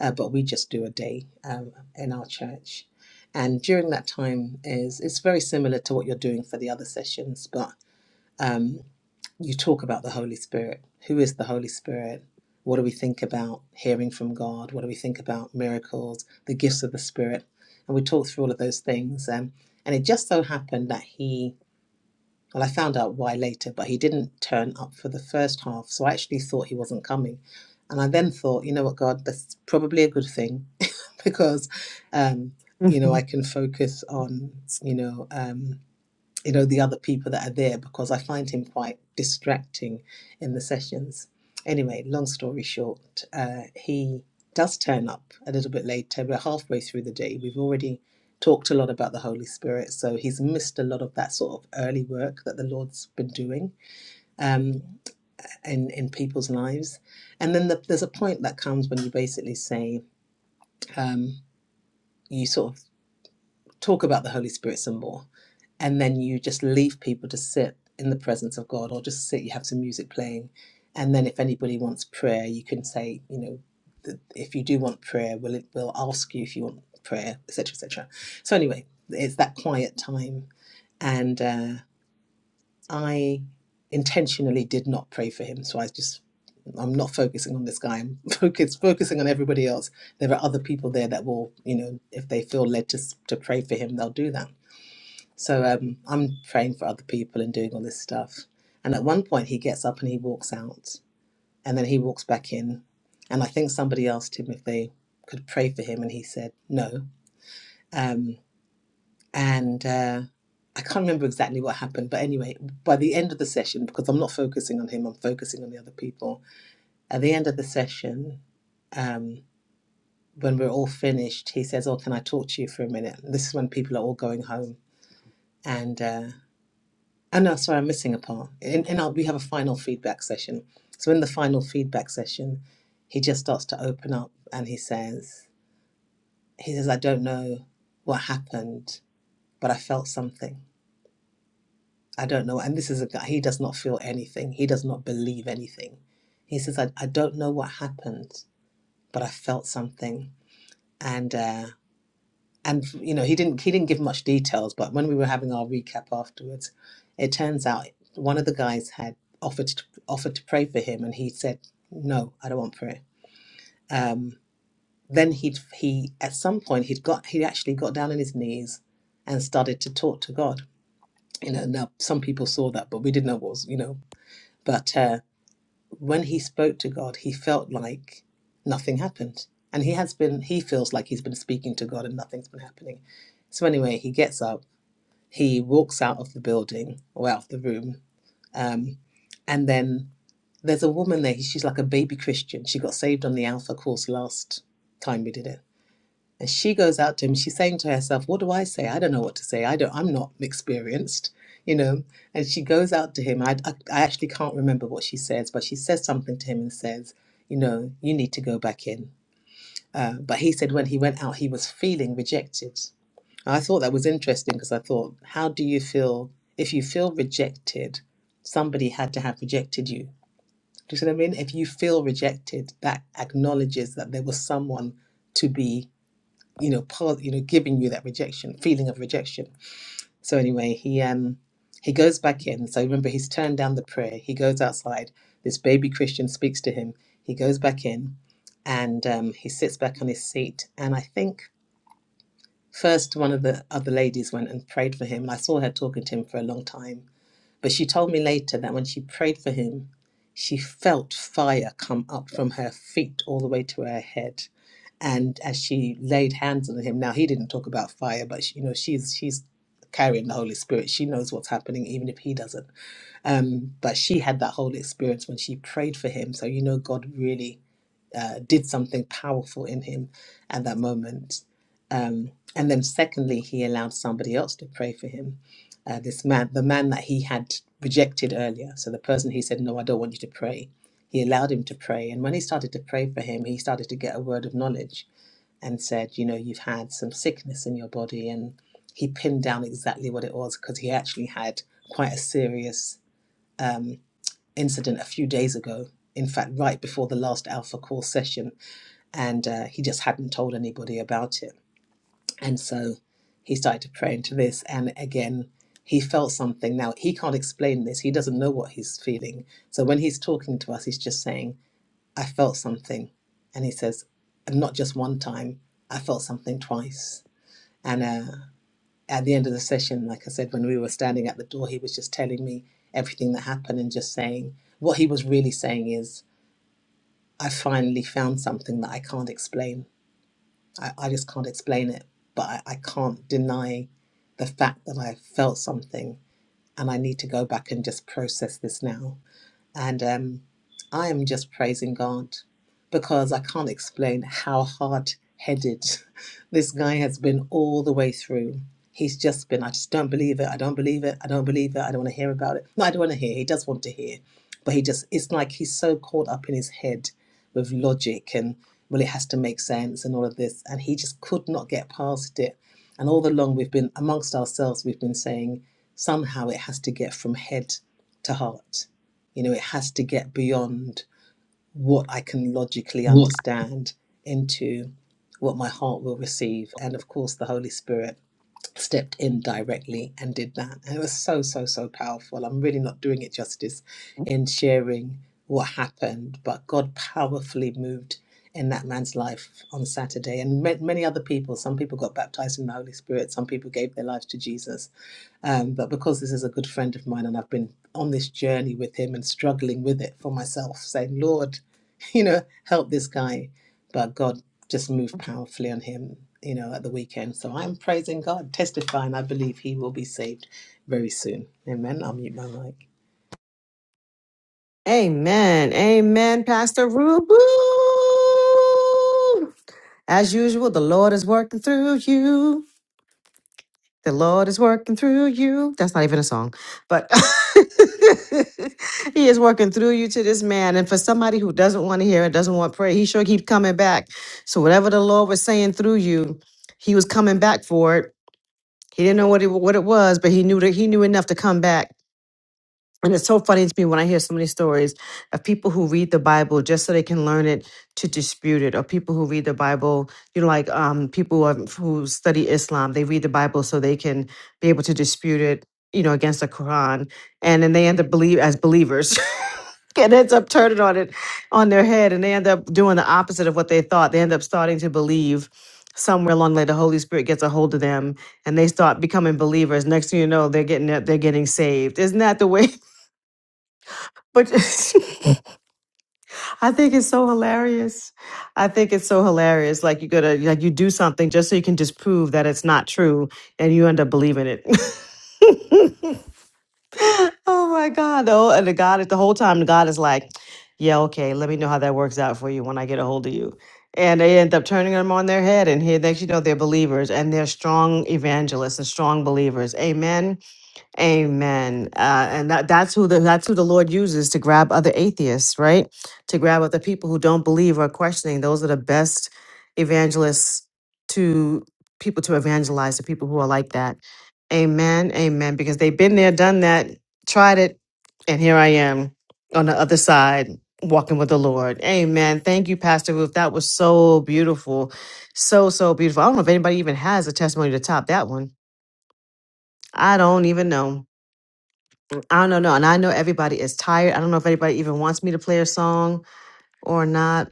D: uh, but we just do a day um, in our church. And during that time is it's very similar to what you're doing for the other sessions, but um, you talk about the Holy Spirit. Who is the Holy Spirit? What do we think about hearing from God? What do we think about miracles, the gifts of the Spirit? And we talked through all of those things. Um, and it just so happened that he well, I found out why later, but he didn't turn up for the first half. So I actually thought he wasn't coming. And I then thought, you know what, God, that's probably a good thing because, um, you know, I can focus on, you know, um, you know the other people that are there because I find him quite distracting in the sessions. Anyway, long story short, uh, he does turn up a little bit later. We're halfway through the day. We've already talked a lot about the Holy Spirit, so he's missed a lot of that sort of early work that the Lord's been doing um, in in people's lives. And then the, there's a point that comes when you basically say um, you sort of talk about the Holy Spirit some more. And then you just leave people to sit in the presence of God or just sit, you have some music playing. And then if anybody wants prayer, you can say, you know, th- if you do want prayer, we'll, we'll ask you if you want prayer, etc., etc. So anyway, it's that quiet time. And uh, I intentionally did not pray for him. So I just, I'm not focusing on this guy. I'm focus, focusing on everybody else. There are other people there that will, you know, if they feel led to, to pray for him, they'll do that so um, I'm praying for other people and doing all this stuff. And at one point, he gets up and he walks out, and then he walks back in. And I think somebody asked him if they could pray for him, and he said no. Um, and uh, I can't remember exactly what happened, but anyway, by the end of the session, because I'm not focusing on him, I'm focusing on the other people. At the end of the session, um, when we're all finished, he says, "Oh, can I talk to you for a minute?" This is when people are all going home, and. Uh, Oh no, sorry, I'm missing a part. In, in our, we have a final feedback session. So in the final feedback session, he just starts to open up and he says, he says, I don't know what happened, but I felt something. I don't know. And this is a guy, he does not feel anything. He does not believe anything. He says, I, I don't know what happened, but I felt something. And. uh, and you know he didn't he didn't give much details but when we were having our recap afterwards it turns out one of the guys had offered to, offered to pray for him and he said no i don't want prayer um, then he'd he at some point he'd got he actually got down on his knees and started to talk to god you know now some people saw that but we didn't know what was you know but uh, when he spoke to god he felt like nothing happened and he has been he feels like he's been speaking to god and nothing's been happening so anyway he gets up he walks out of the building or out of the room. Um, and then there's a woman there. She's like a baby Christian. She got saved on the Alpha course last time we did it. And she goes out to him. She's saying to herself, What do I say? I don't know what to say. I don't, I'm not experienced, you know. And she goes out to him. I, I, I actually can't remember what she says, but she says something to him and says, You know, you need to go back in. Uh, but he said when he went out, he was feeling rejected. And I thought that was interesting because I thought, how do you feel if you feel rejected? Somebody had to have rejected you. Do you see what I mean? If you feel rejected, that acknowledges that there was someone to be, you know, part, you know, giving you that rejection, feeling of rejection. So anyway, he um he goes back in. So remember, he's turned down the prayer. He goes outside. This baby Christian speaks to him. He goes back in, and um, he sits back on his seat. And I think First, one of the other ladies went and prayed for him, and I saw her talking to him for a long time. But she told me later that when she prayed for him, she felt fire come up from her feet all the way to her head. And as she laid hands on him, now he didn't talk about fire, but she, you know she's she's carrying the Holy Spirit. She knows what's happening, even if he doesn't. Um, but she had that whole experience when she prayed for him. So you know God really uh, did something powerful in him at that moment. Um, and then, secondly, he allowed somebody else to pray for him. Uh, this man, the man that he had rejected earlier. So, the person he said, No, I don't want you to pray, he allowed him to pray. And when he started to pray for him, he started to get a word of knowledge and said, You know, you've had some sickness in your body. And he pinned down exactly what it was because he actually had quite a serious um, incident a few days ago. In fact, right before the last Alpha Course session, and uh, he just hadn't told anybody about it. And so he started to pray into this, and again, he felt something. Now, he can't explain this, he doesn't know what he's feeling. So when he's talking to us, he's just saying, I felt something. And he says, and not just one time, I felt something twice. And uh, at the end of the session, like I said, when we were standing at the door, he was just telling me everything that happened and just saying, what he was really saying is, I finally found something that I can't explain I, I just can't explain it, but I, I can't deny the fact that I felt something and I need to go back and just process this now. And um, I am just praising God because I can't explain how hard headed this guy has been all the way through. He's just been, I just don't believe it. I don't believe it. I don't believe it. I don't want to hear about it. No, I don't want to hear. He does want to hear. But he just, it's like he's so caught up in his head with logic and, well, it has to make sense and all of this. And he just could not get past it. And all along, we've been, amongst ourselves, we've been saying, somehow it has to get from head to heart you know, it has to get beyond what I can logically understand into what my heart will receive. And of course, the Holy Spirit stepped in directly and did that. And it was so, so, so powerful. I'm really not doing it justice in sharing what happened, but God powerfully moved in that man's life on Saturday and ma- many other people. Some people got baptized in the Holy Spirit, some people gave their lives to Jesus um, but because this is a good friend of mine and I've been on this journey with him and struggling with it for myself, saying, Lord, you know, help this guy. But God just moved powerfully on him, you know, at the weekend. So I'm praising God, testifying I believe he will be saved very soon. Amen. I'll mute my mic.
A: Amen. Amen, Pastor Rubu. As usual, the Lord is working through you. The Lord is working through you. That's not even a song, but He is working through you to this man. And for somebody who doesn't want to hear it, doesn't want prayer, He sure keep coming back. So whatever the Lord was saying through you, He was coming back for it. He didn't know what it, what it was, but He knew that He knew enough to come back and it's so funny to me when I hear so many stories of people who read the Bible just so they can learn it to dispute it, or people who read the Bible, you know, like um, people who, have, who study Islam, they read the Bible so they can be able to dispute it, you know, against the Quran, and then they end up believe as believers, and ends up turning on it on their head, and they end up doing the opposite of what they thought. They end up starting to believe. Somewhere along the way, the Holy Spirit gets a hold of them, and they start becoming believers. Next thing you know, they're getting they're getting saved. Isn't that the way but I think it's so hilarious. I think it's so hilarious. Like you gotta like you do something just so you can disprove that it's not true, and you end up believing it. oh my God! Oh, and the God is the whole time the God is like, "Yeah, okay, let me know how that works out for you when I get a hold of you." And they end up turning them on their head, and here next you know they're believers and they're strong evangelists and strong believers. Amen. Amen. Uh, and that, that's who the that's who the Lord uses to grab other atheists, right? To grab other people who don't believe or questioning. Those are the best evangelists to people to evangelize to people who are like that. Amen. Amen. Because they've been there, done that, tried it, and here I am on the other side walking with the Lord. Amen. Thank you, Pastor Ruth. That was so beautiful. So, so beautiful. I don't know if anybody even has a testimony to top that one. I don't even know. I don't know. no, And I know everybody is tired. I don't know if anybody even wants me to play a song or not.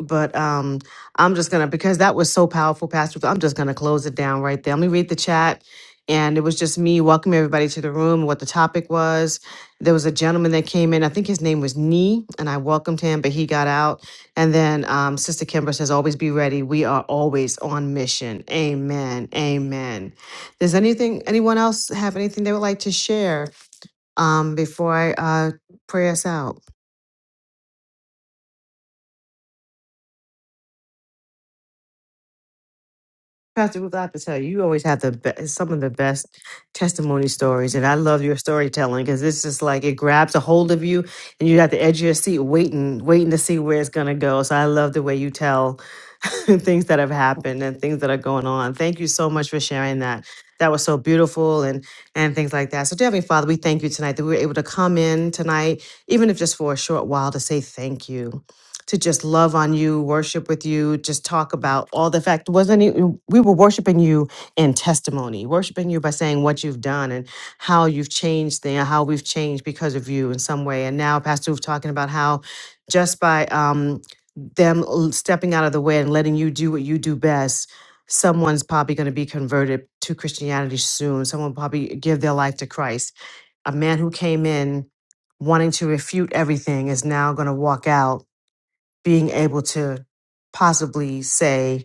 A: But um, I'm just gonna because that was so powerful, Pastor. I'm just gonna close it down right there. Let me read the chat, and it was just me welcoming everybody to the room. What the topic was? There was a gentleman that came in. I think his name was Nee, and I welcomed him, but he got out. And then um, Sister Kimber says, "Always be ready. We are always on mission." Amen. Amen. Does anything anyone else have anything they would like to share? um, before I uh, pray us out. Pastor Ruth, I have to tell you, you always have the be- some of the best testimony stories, and I love your storytelling because it's just like it grabs a hold of you, and you have the edge of your seat, waiting, waiting to see where it's gonna go. So I love the way you tell things that have happened and things that are going on. Thank you so much for sharing that. That was so beautiful, and and things like that. So, dear Heavenly Father, we thank you tonight that we were able to come in tonight, even if just for a short while, to say thank you. to just love on you, worship with you, just talk about all the fact wasn't even we were worshiping you in testimony, worshiping you by saying what you've done and how you've changed things, how we've changed because of you in some way. And now Pastor was talking about how just by um, them l- stepping out of the way and letting you do what you do best, someone's probably going to be converted to Christianity soon. Someone probably give their life to Christ. A man who came in wanting to refute everything is now going to walk out being able to possibly say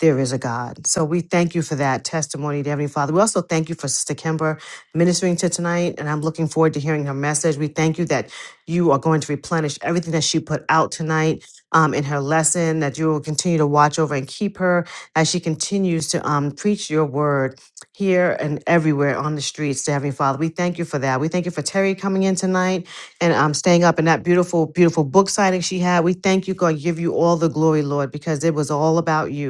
A: there is a God. So we thank you for that testimony, dear Heavenly Father. We also thank you for Sister Kimber ministering to tonight, and I'm looking forward to hearing her message. We thank you that you are going to replenish everything that she put out tonight um, in her lesson, that you will continue to watch over and keep her as she continues to um, preach your word here and everywhere on the streets, dear Heavenly Father. We thank you for that. We thank you for Terry coming in tonight and um, staying up in that beautiful, beautiful book signing she had. We thank you, God, give you all the glory, Lord, because it was all about you.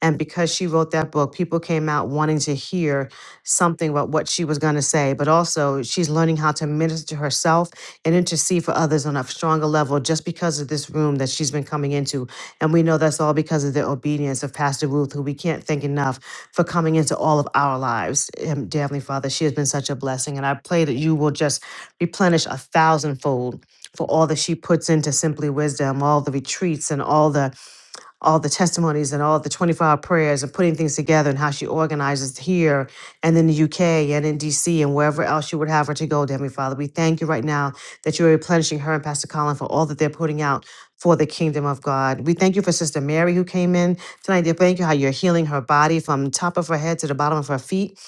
A: And because she wrote that book, people came out wanting to hear something about what she was going to say. But also, she's learning how to minister to herself and intercede for others on a stronger level just because of this room that she's been coming into. And we know that's all because of the obedience of Pastor Ruth, who we can't thank enough for coming into all of our lives. Um, Dear Heavenly Father, she has been such a blessing. And I pray that you will just replenish a thousandfold for all that she puts into Simply Wisdom, all the retreats and all the all the testimonies and all the 24 hour prayers and putting things together and how she organizes here and in the UK and in DC and wherever else you would have her to go, dear Heavenly Father. We thank you right now that you're replenishing her and Pastor Colin for all that they're putting out for the kingdom of God. We thank you for Sister Mary who came in tonight. Dear, thank you how you're healing her body from top of her head to the bottom of her feet.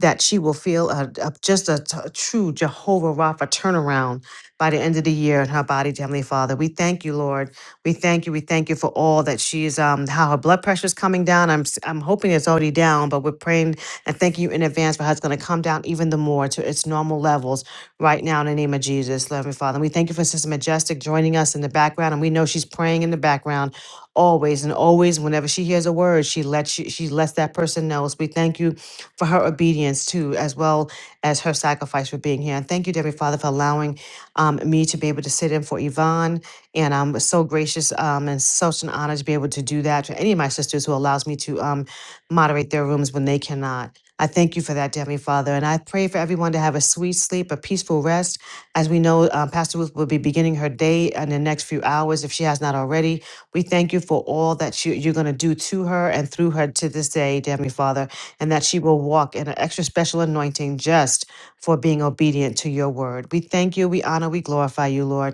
A: That she will feel a, a- just a, t- a true Jehovah Rapha turnaround by the end of the year in her body, dear Heavenly Father. We thank you, Lord we thank you. We thank you for all that she's um how her blood pressure is coming down. I'm s- I'm hoping it's already down, but we're praying and thank you in advance for how it's going to come down even the more to its normal levels right now in the name of Jesus, loving Father. And we thank you for Sister Majestic joining us in the background, and we know she's praying in the background always and always. Whenever she hears a word, she lets you, she lets that person know. So we thank you for her obedience too, as well as her sacrifice for being here. And thank you, dear Heavenly Father, for allowing um, me to be able to sit in for Yvonne and um, was so gracious um, and such an honor to be able to do that to any of my sisters who allows me to um, moderate their rooms when they cannot. I thank you for that, dear Heavenly Father, and I pray for everyone to have a sweet sleep, a peaceful rest. As we know, um, Pastor Ruth will be beginning her day in the next few hours if she has not already. We thank you for all that you, you're going to do to her and through her to this day, dear Heavenly Father, and that she will walk in an extra special anointing just for being obedient to your word. We thank you, we honor, we glorify you, Lord.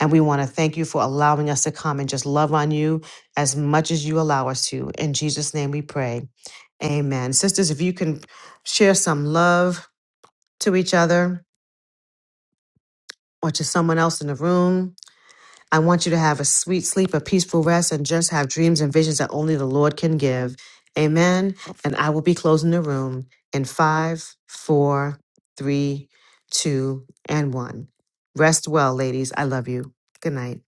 A: And we want to thank you for allowing us to come and just love on you as much as you allow us to. In Jesus' name we pray. Amen. Sisters, if you can share some love to each other or to someone else in the room, I want you to have a sweet sleep, a peaceful rest, and just have dreams and visions that only the Lord can give. Amen. And I will be closing the room in five, four, three, two, and one. Rest well, ladies. I love you. Good night.